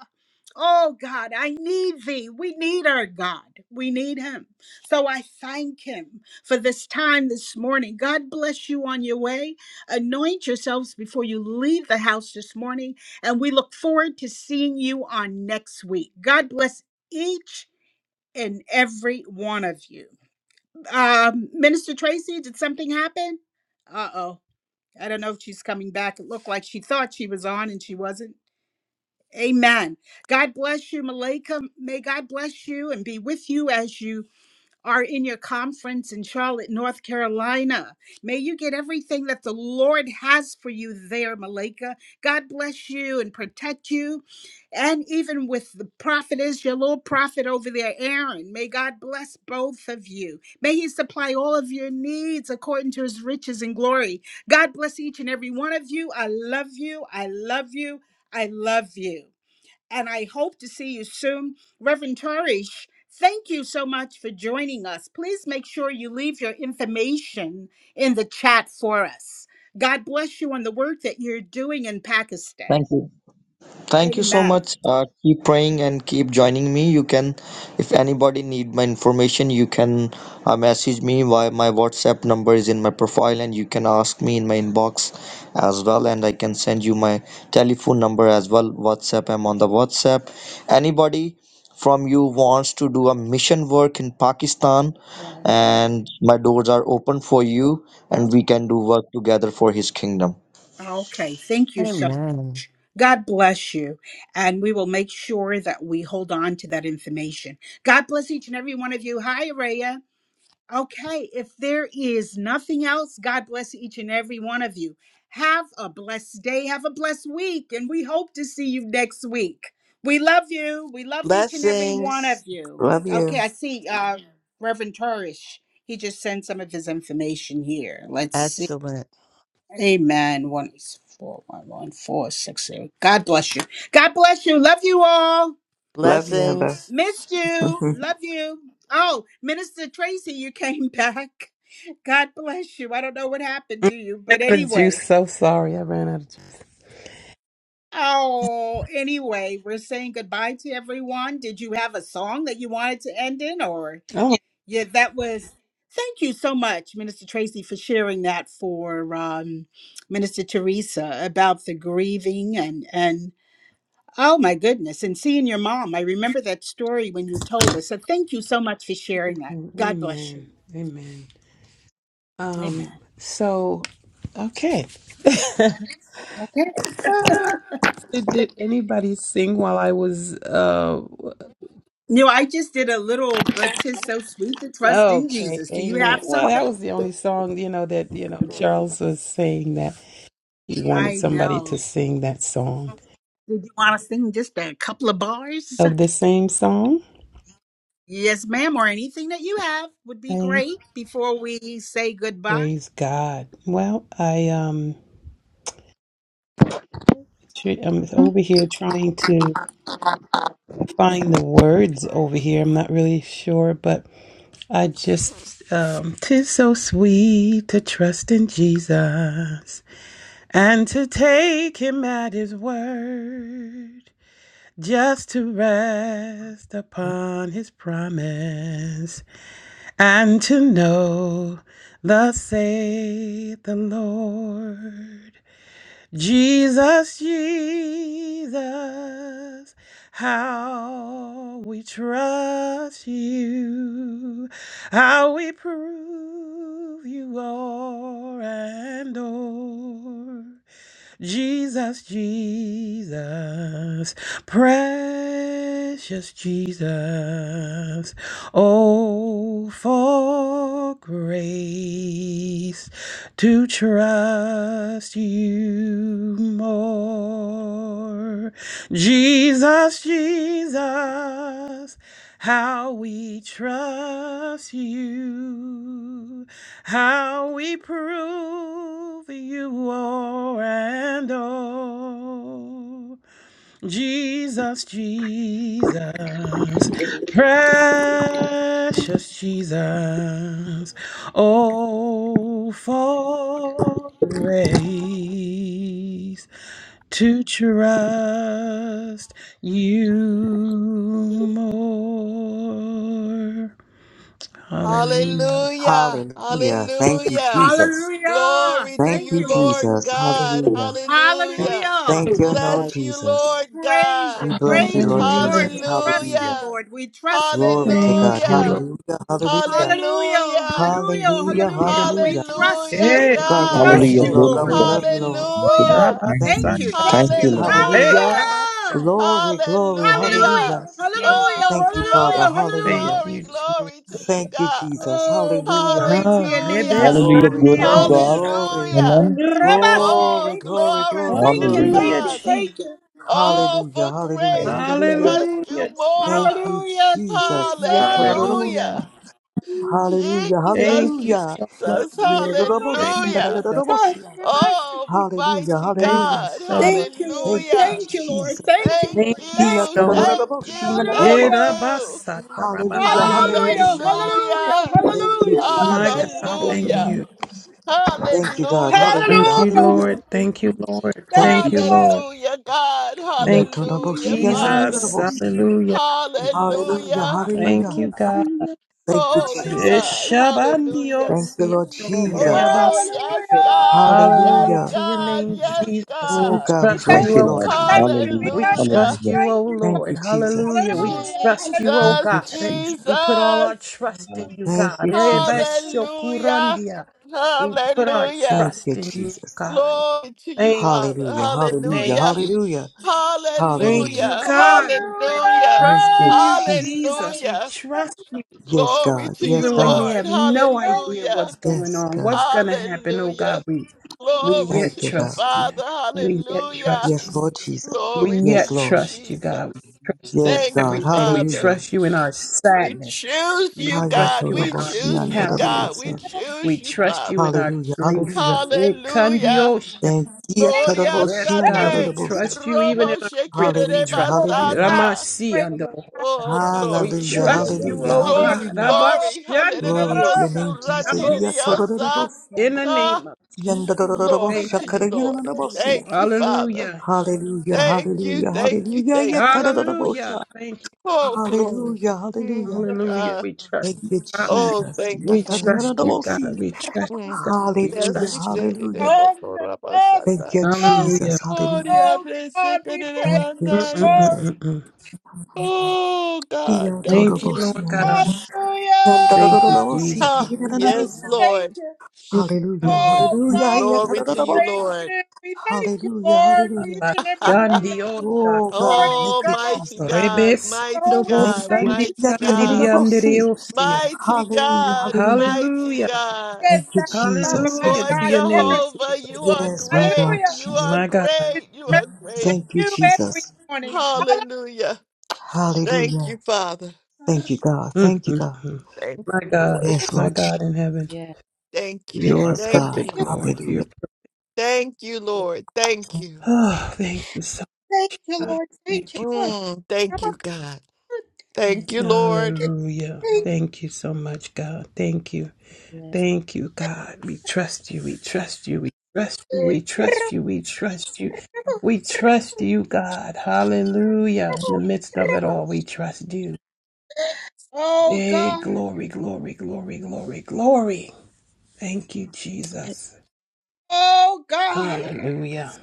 Oh God, I need thee. We need our God. We need him. So I thank him for this time this morning. God bless you on your way. Anoint yourselves before you leave the house this morning. And we look forward to seeing you on next week. God bless each and every one of you. Um, Minister Tracy, did something happen? Uh oh. I don't know if she's coming back. It looked like she thought she was on and she wasn't. Amen. God bless you, Malika. May God bless you and be with you as you are in your conference in Charlotte, North Carolina. May you get everything that the Lord has for you there, Malika. God bless you and protect you. And even with the prophetess, your little prophet over there, Aaron, may God bless both of you. May He supply all of your needs according to His riches and glory. God bless each and every one of you. I love you. I love you. I love you and I hope to see you soon. Reverend Tarish, thank you so much for joining us. Please make sure you leave your information in the chat for us. God bless you on the work that you're doing in Pakistan.
Thank you. Thank you so
Amen.
much. Uh, keep praying and keep joining me. You can, if anybody need my information, you can uh, message me. Why my WhatsApp number is in my profile, and you can ask me in my inbox as well, and I can send you my telephone number as well. WhatsApp. I'm on the WhatsApp. Anybody from you wants to do a mission work in Pakistan,
Right.
and my doors are open for you,
Oh,
and we can do work together for His kingdom.
Okay. Thank you so
Amen.
God bless you. And we will make sure that we hold on to that information. God bless each and every one of you. Hi, Araya. Okay, if there is nothing else, God bless each and every one of you. Have a blessed day, have a blessed week, and we hope to see you next week. We love you. We love each and every one of
Blessings.
you.
Love
Okay,
you.
I see uh Reverend Turish. He just sent some of his information here. Let's see.
Excellent.
Amen. One four one one four six eight. God bless you. God bless you. Love you all.
Love you, Amber.
Blessings.
Missed you. Love you. Oh, Minister Tracy, you came back. God bless you. I don't know what happened
I
to you,
ran
but
out of
anyway.
juice. So sorry, I ran out of juice.
Oh, anyway, we're saying goodbye to everyone. Did you have a song that you wanted to end in or
Oh,
yeah, that was Thank you so much, Minister Tracy, for sharing that for um, Minister Teresa about the grieving and and Oh my goodness. And seeing your mom, I remember that story when you told us. So thank you so much for sharing that. God bless you.
amen, amen.
Amen.
Um, so okay.
Okay.
Did anybody sing while I was? Uh,
You know, I just did a little, but 'tis so sweet to trust in
okay,
Jesus. Do you
amen.
have
Well, that
something?
was the only song you know that you know Charles was saying that he wanted
I
somebody
know.
to sing that song
Did you want to sing just a couple of bars?
of the same song.
Yes, ma'am, or anything that you have would be
I
great before we say goodbye.
praise God. Well, I um. Tr- I'm over here trying to find the words over here. I'm not really sure, but I just, um, tis so sweet to trust in Jesus and to take him at his word, just to rest upon his promise and to know, thus saith the Lord. Jesus, Jesus, how we trust you, how we prove you are and are. Jesus, Jesus, precious Jesus. Oh, for grace to trust you more. Jesus, Jesus how we trust you, how we prove you are and all. Jesus, Jesus, precious Jesus, oh, for grace to trust you more. Hallelujah.
Hallelujah.
Hallelujah. Thank you,
Hallelujah.
Jesus.
Hallelujah.
Glory to
Thank
Thank
you,
you,
you, Lord.
Lord
Jesus.
God.
Hallelujah.
Thank
Hallelujah.
Hallelujah.
Thank you, Lord
Bless you,
Jesus.
Lord
Praise
We
you.
God.
bless you,
Praise
Lord
you,
Hallelujah.
Lord.
Jesus.
We trust
Hallelujah.
you,
Hallelujah.
Lord. We trust you,
Glory
Lord.
to God.
Thank you, Lord.
Hallelujah.
Hallelujah. Hallelujah.
Hallelujah.
Hallelujah.
Hallelujah.
Thank
Hallelujah.
Hallelujah. We
Hallelujah.
trust
Hallelujah,
Hey,
you. We
God, we
glory,
God.
trust
bless you,
Hallelujah.
you,
glory,
Lord.
Glory
God,
to
Lord.
we
God.
glory.
love you, Lord.
Thank you, Lord.
Woo!
Hallelujah.
Thank you,
Thank
Rabasa-
Thank
you,
you.
Lord.
Thank
Thank
you.
you,
Jesus.
Lord.
Hey,
Hallelujah.
Hallelujah.
kabasha.
Hallelujah.
Glory, glory.
Thank you,
Hallelujah.
Hallelujah.
Hallelujah.
Jesus.
Oh,
Thank you,
Hallelujah.
Father.
Hallelujah.
glory,
Hallelujah.
Hallelujah.
Thank
glory,
you, Jesus.
glory to you,
Thank you,
God.
Jesus.
Oh,
Hallelujah.
glory to
Ah,
your name.
Hallelujah.
Hallelujah.
Glory,
Glory to
glory,
God.
rebesandiosha.
glory.
Hallelujah.
Amen.
Hallelujah.
Rabasa,
Oh,
Glory, glory,
rebisaka.
glory
glory,
to
Thank
you,
you.
glory,
Hallelujah.
Thank
Hallelujah,
glory.
you.
Father.
Thank
Jesus.
you.
Oh,
Hallelujah.
for
Yeah.
Hallelujah.
grace to
Hallelujah.
trust you
Hallelujah, Jesus.
Thank
more.
you,
Hallelujah,
Jesus.
Jesus.
Hallelujah.
Hallelujah.
Yatorobosha. Hallelujah.
Thank you
Jesus,
Hallelujah.
so much.
Jesus.
Thank
Rabasa,
you
Hallelujah.
so
kita,
Yeroboshindanadorobosia.
Oh,
rabasa.
Hallelujah.
mighty
thank you
Hallelujah.
God.
so much.
Thank you, Lord.
Thank you,
Hallelujah.
Thank you, Lord.
Jesus.
Thank you,
Thank
Lord.
Thank you
Hiya
Thank
you.
you,
so much.
Lord.
Thank you. Thank
Hallelujah.
you.
Yerabasata
Hallelujah,
rabahandiyo
Hallelujah.
hallelujah.
shaya.
Hallelujah.
Hallelujah.
Thank you,
Hallelujah.
My
Jesus.
Hallelujah.
God, thank
Hallelujah.
Hallelujah.
you.
Thank you, God.
Hallelujah.
Hallelujah,
Thank you,
Hallelujah.
hallelujah.
Lord. Thank you, Lord.
Thank
Thank
you,
Thank you,
you,
Jesus.
Lord.
Lord.
Hallelujah, God.
Thank you,
Hallelujah,
Yatodoboshi,
aye,
Jesus.
Father.
yanayaraboshi.
Hallelujah.
Hallelujah,
Hallelujah.
Thank
hallelujah.
you, God.
Thank you,
Holy
Jesus.
Hallelujah.
God.
Yeshabandiyo
Hallelujah.
Thank you,
siya
Lord Jesus.
Oh, yes,
Hallelujah.
God. Yes,
Hallelujah
Hallelujah.
to your
God.
name,
Yes,
Jesus.
Oh,
We
God.
God, we
We
trust
Thank
thank
bless
you,
you,
you,
oh
you.
Lord
Lord.
We
God.
Jesus.
thank you.
Hallelujah.
We
We
thank
Hallelujah.
Hallelujah.
trust you, oh
Thank you.
Thank
Lord.
you, Jesus.
Hallelujah. We
aye.
Hallelujah.
trust you,
Hallelujah.
oh
Thank
Jesus,
you,
God.
Jesus.
We put all our
Jesus.
trust in you,
Thank
God.
you, Jesus.
Hallelujah.
Ebeshokurandia. We put our
Hallelujah.
Thank
trust
you,
in you,
Jesus.
God.
Glory to you,
Thank
Father.
Hallelujah,
you.
hallelujah,
Hallelujah.
Thank you.
hallelujah,
Thank
hallelujah.
you,
Hallelujah.
God. We put our
Hallelujah.
Hallelujah.
Thank
trust
you,
in you,
Jesus.
Jesus. We
Hallelujah.
trust you
Yes,
Glory
God.
to
Yes,
you,
even when
God.
we
Lord.
have no
Thank
idea
you, Lord.
Hallelujah.
what's going
Yes,
on,
God.
what's going to happen. Oh
Hallelujah.
God, we we
Glory
Thank
yet
to
you,
you,
God.
trust you.
Father.
We yet
Hallelujah.
trust you.
Yes, Lord Jesus.
We
Glory to
Yes,
yet
you,
Lord.
trust you, God. We
Jesus.
trust you
Yes,
Thank
in
you,
God.
everything. We
Father.
Hallelujah.
trust you in our
We
sadness.
choose
We
you,
trust
God.
you
We
in our
choose you, God.
happiness,
We
Hayatonoboshiandodorobosa.
and
Thank
we
choose you,
trust you
Father.
in our
Hallelujah.
grief.
Hallelujah.
Hallelujah.
Ekandiosha.
Thank you.
you.
Gloria
Yes,
Thank
God,
you.
we
sate.
Todoroboshiandodorobosa.
trust you even
Robo
in our grief. We
shekerere
Hallelujah.
trust
Oh,
you.
Hallelujah.
God.
basata.
Ramasi
Praise
ando.
Oh,
God.
We
glory.
Yeah,
Hallelujah.
yeah,
trust
yeah.
you,
Hallelujah.
O
Oh
Glory,
God.
Hallelujah.
glory. Hallelujah.
Glory to your name,
Abashandidiyesaya,
Jesus.
Rabosa.
Surrandiriosa.
In
Yatodoroboshiando-
the
Ah,
name of
Glory
thank
to you,
you.
Lord. Thank
Yandodoroboshakarayanabosia.
you, Father.
Hallelujah.
Hallelujah.
Thank you,
Hallelujah.
thank you,
Hallelujah.
thank you.
Hallelujah.
Yatodorobosha.
Thank you,
Oh,
Jesus.
glory.
Hallelujah,
Mm,
hallelujah.
Hallelujah.
ah,
We trust you,
Thank you,
God.
oh,
Jesus.
thank you,
We
Father.
trust you, God.
Yatananarabosi.
We trust you,
Mm.
God. We
Yes,
Hallelujah,
he
trust you.
said it. eh,
hallelujah.
before
Thank
Ramasata.
you,
Hallelujah.
Jesus.
Oh,
Hallelujah.
diable, said
God,
it,
we
eh,
praise you,
Thank you,
Mandaya.
Lord.
Jesus.
Mm-mm-mm-mm-mm.
Oh, God, thank
Thank you,
you.
Lord
Yatorobosyando.
Hallelujah.
God. Thank you,
Yandarororobosi,
Jesus.
Ah,
Thank you,
yes,
kirinananarosa.
thank
Lord.
you.
Hallelujah,
Mm.
Oh
hallelujah.
God,
Glory to you,
praise
Yatarorobosa.
Lord.
you. We thank you,
Hallelujah,
Lord, for
hallelujah.
each and every one this
Bashandiyosaya,
Oh God,
morning,
thank
oh,
you,
God.
mighty
Jesus.
Great.
God, mighty
Oh, we
Thank
God,
thank
you, Jesus.
you
mighty God,
Yatanaranabosi.
Rebesandobosandiyandidiyandiriosia.
mighty
Hallelujah,
God,
hallelujah.
mighty
Hallelujah.
God.
that
Thank you,
that love of
Jesus.
our
Hallelujah
Yes,
Lord
Lord.
to
God
your
never
name,
ceases.
Jehovah,
Jesus.
you are
Yes, my
great.
God,
Hallelujah.
You are
Jesus.
My God.
His
great. You
mercy
are
is
great.
Thank you,
new every
Jesus.
morning.
Hallelujah. Thank you,
Hallelujah.
Father.
Thank you, God.
mm
Thank you,
mm
God.
mm.
Thank
My
you,
God.
Lord.
Yes,
My
Lord.
God in heaven.
Thank you.
You are
Yes,
Thank
God.
perfect,
you.
Lord. You're
Hallelujah.
perfect.
Thank you, Lord. Thank you.
Oh, thank you so
Thank you,
much.
Lord. Thank you,
Thank you.
Lord.
Mm, thank
Rabba,
you, God. Thank you, Lord.
Hallelujah.
Thank
Thank you so much, God. Thank you. Thank you, God. We trust you. We trust you. We trust you.
you.
We trust
Rabba,
you. We trust you. We trust you, God. Hallelujah. In
rabba,
the midst of it
rabba.
all, we trust you.
Oh
Hey,
God.
glory, glory, glory, glory, glory. Thank you, Jesus.
Oh God. Rabba.
Hallelujah.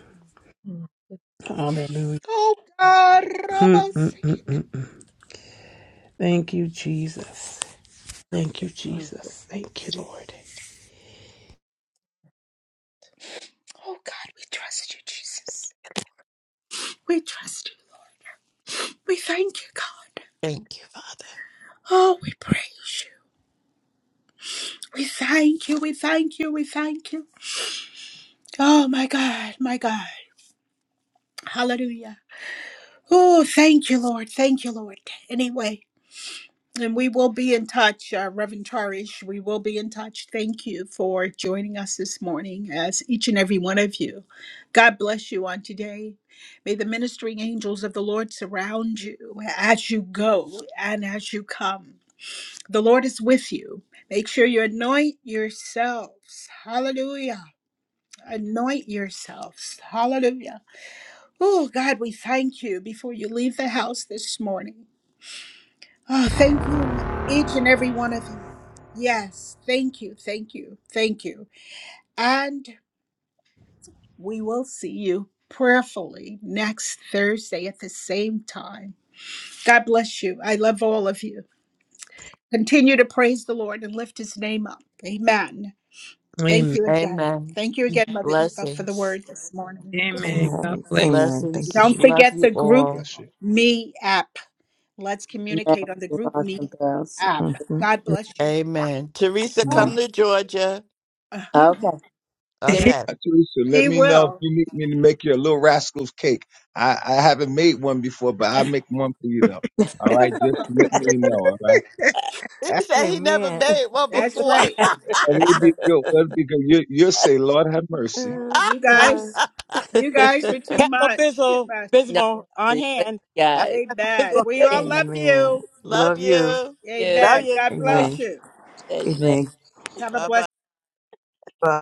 Hallelujah.
Oh God.
Mm,
Rabba.
mm, mm,
Yes,
mm. Thank you, Jesus. Thank you,
ma'am.
Jesus. Thank you, Lord.
Oh God, we trust you, Jesus. We trust you. We thank you, God.
Thank you, Father.
Oh, we praise you. We thank you. We thank you. We thank you. Oh my God. My God. Hallelujah. Oh, thank you, Lord. Thank you, Lord. Anyway. And we will be in touch, uh, Reverend Tarish. We will be in touch. Thank you for joining us this morning, as each and every one of you. God bless you on today. May the ministering angels of the Lord surround you as you go and as you come. The Lord is with you. Make sure you anoint yourselves. Hallelujah. Anoint yourselves. Hallelujah. Oh, God, we thank you before you leave the house this morning. Oh, thank you, each and every one of you. Yes, thank you, thank you, thank you. And we will see you prayerfully next Thursday at the same time. God bless you. I love all of you. Continue to praise the Lord and lift his name up. Amen. Thank
Amen.
you again.
Amen.
Thank you again, Mother Eva, for the
Blessings.
word this morning.
Amen.
Amen.
God bless
Amen. Thank you,
Blessings.
Don't
Jesus.
Love
forget
you
the
God
Group
all.
bless you.
Me app. Let's
Amen.
communicate on the
You're
Group
awesome,
Me
girls.
app.
Mhm.
God
you.
bless you.
Amen. Teresa,
God bless
Amen.
come
Oh,
you.
to Georgia.
uh-huh.
Okay.
Yes.
Send me.
Okay.
Teresa, let
He
me know if
will.
you need me to make you a little rascal's cake. I, I haven't made one before, but I'll make one for you though. All right, just let me know. All right.
He said he never
Amen.
made one
That's
before.
right.
And it'll be good. It'll be good. You, you'll say, Lord have mercy.
Oh,
You
Gosh.
guys, you guys are too
Pepto
much. Too
Bismol,
much.
No,
Bismol on
really, thank
hand.
you
Have
guys.
some Pepto
Amen.
Bismol
We
on
all
hand.
love
Amen.
you.
Love
Love you.
you.
You.
Love
Amen.
you.
God
Well,
bless
Amen.
you.
amen.
Amen.
Have a
Bye bye.
blessed
Bye.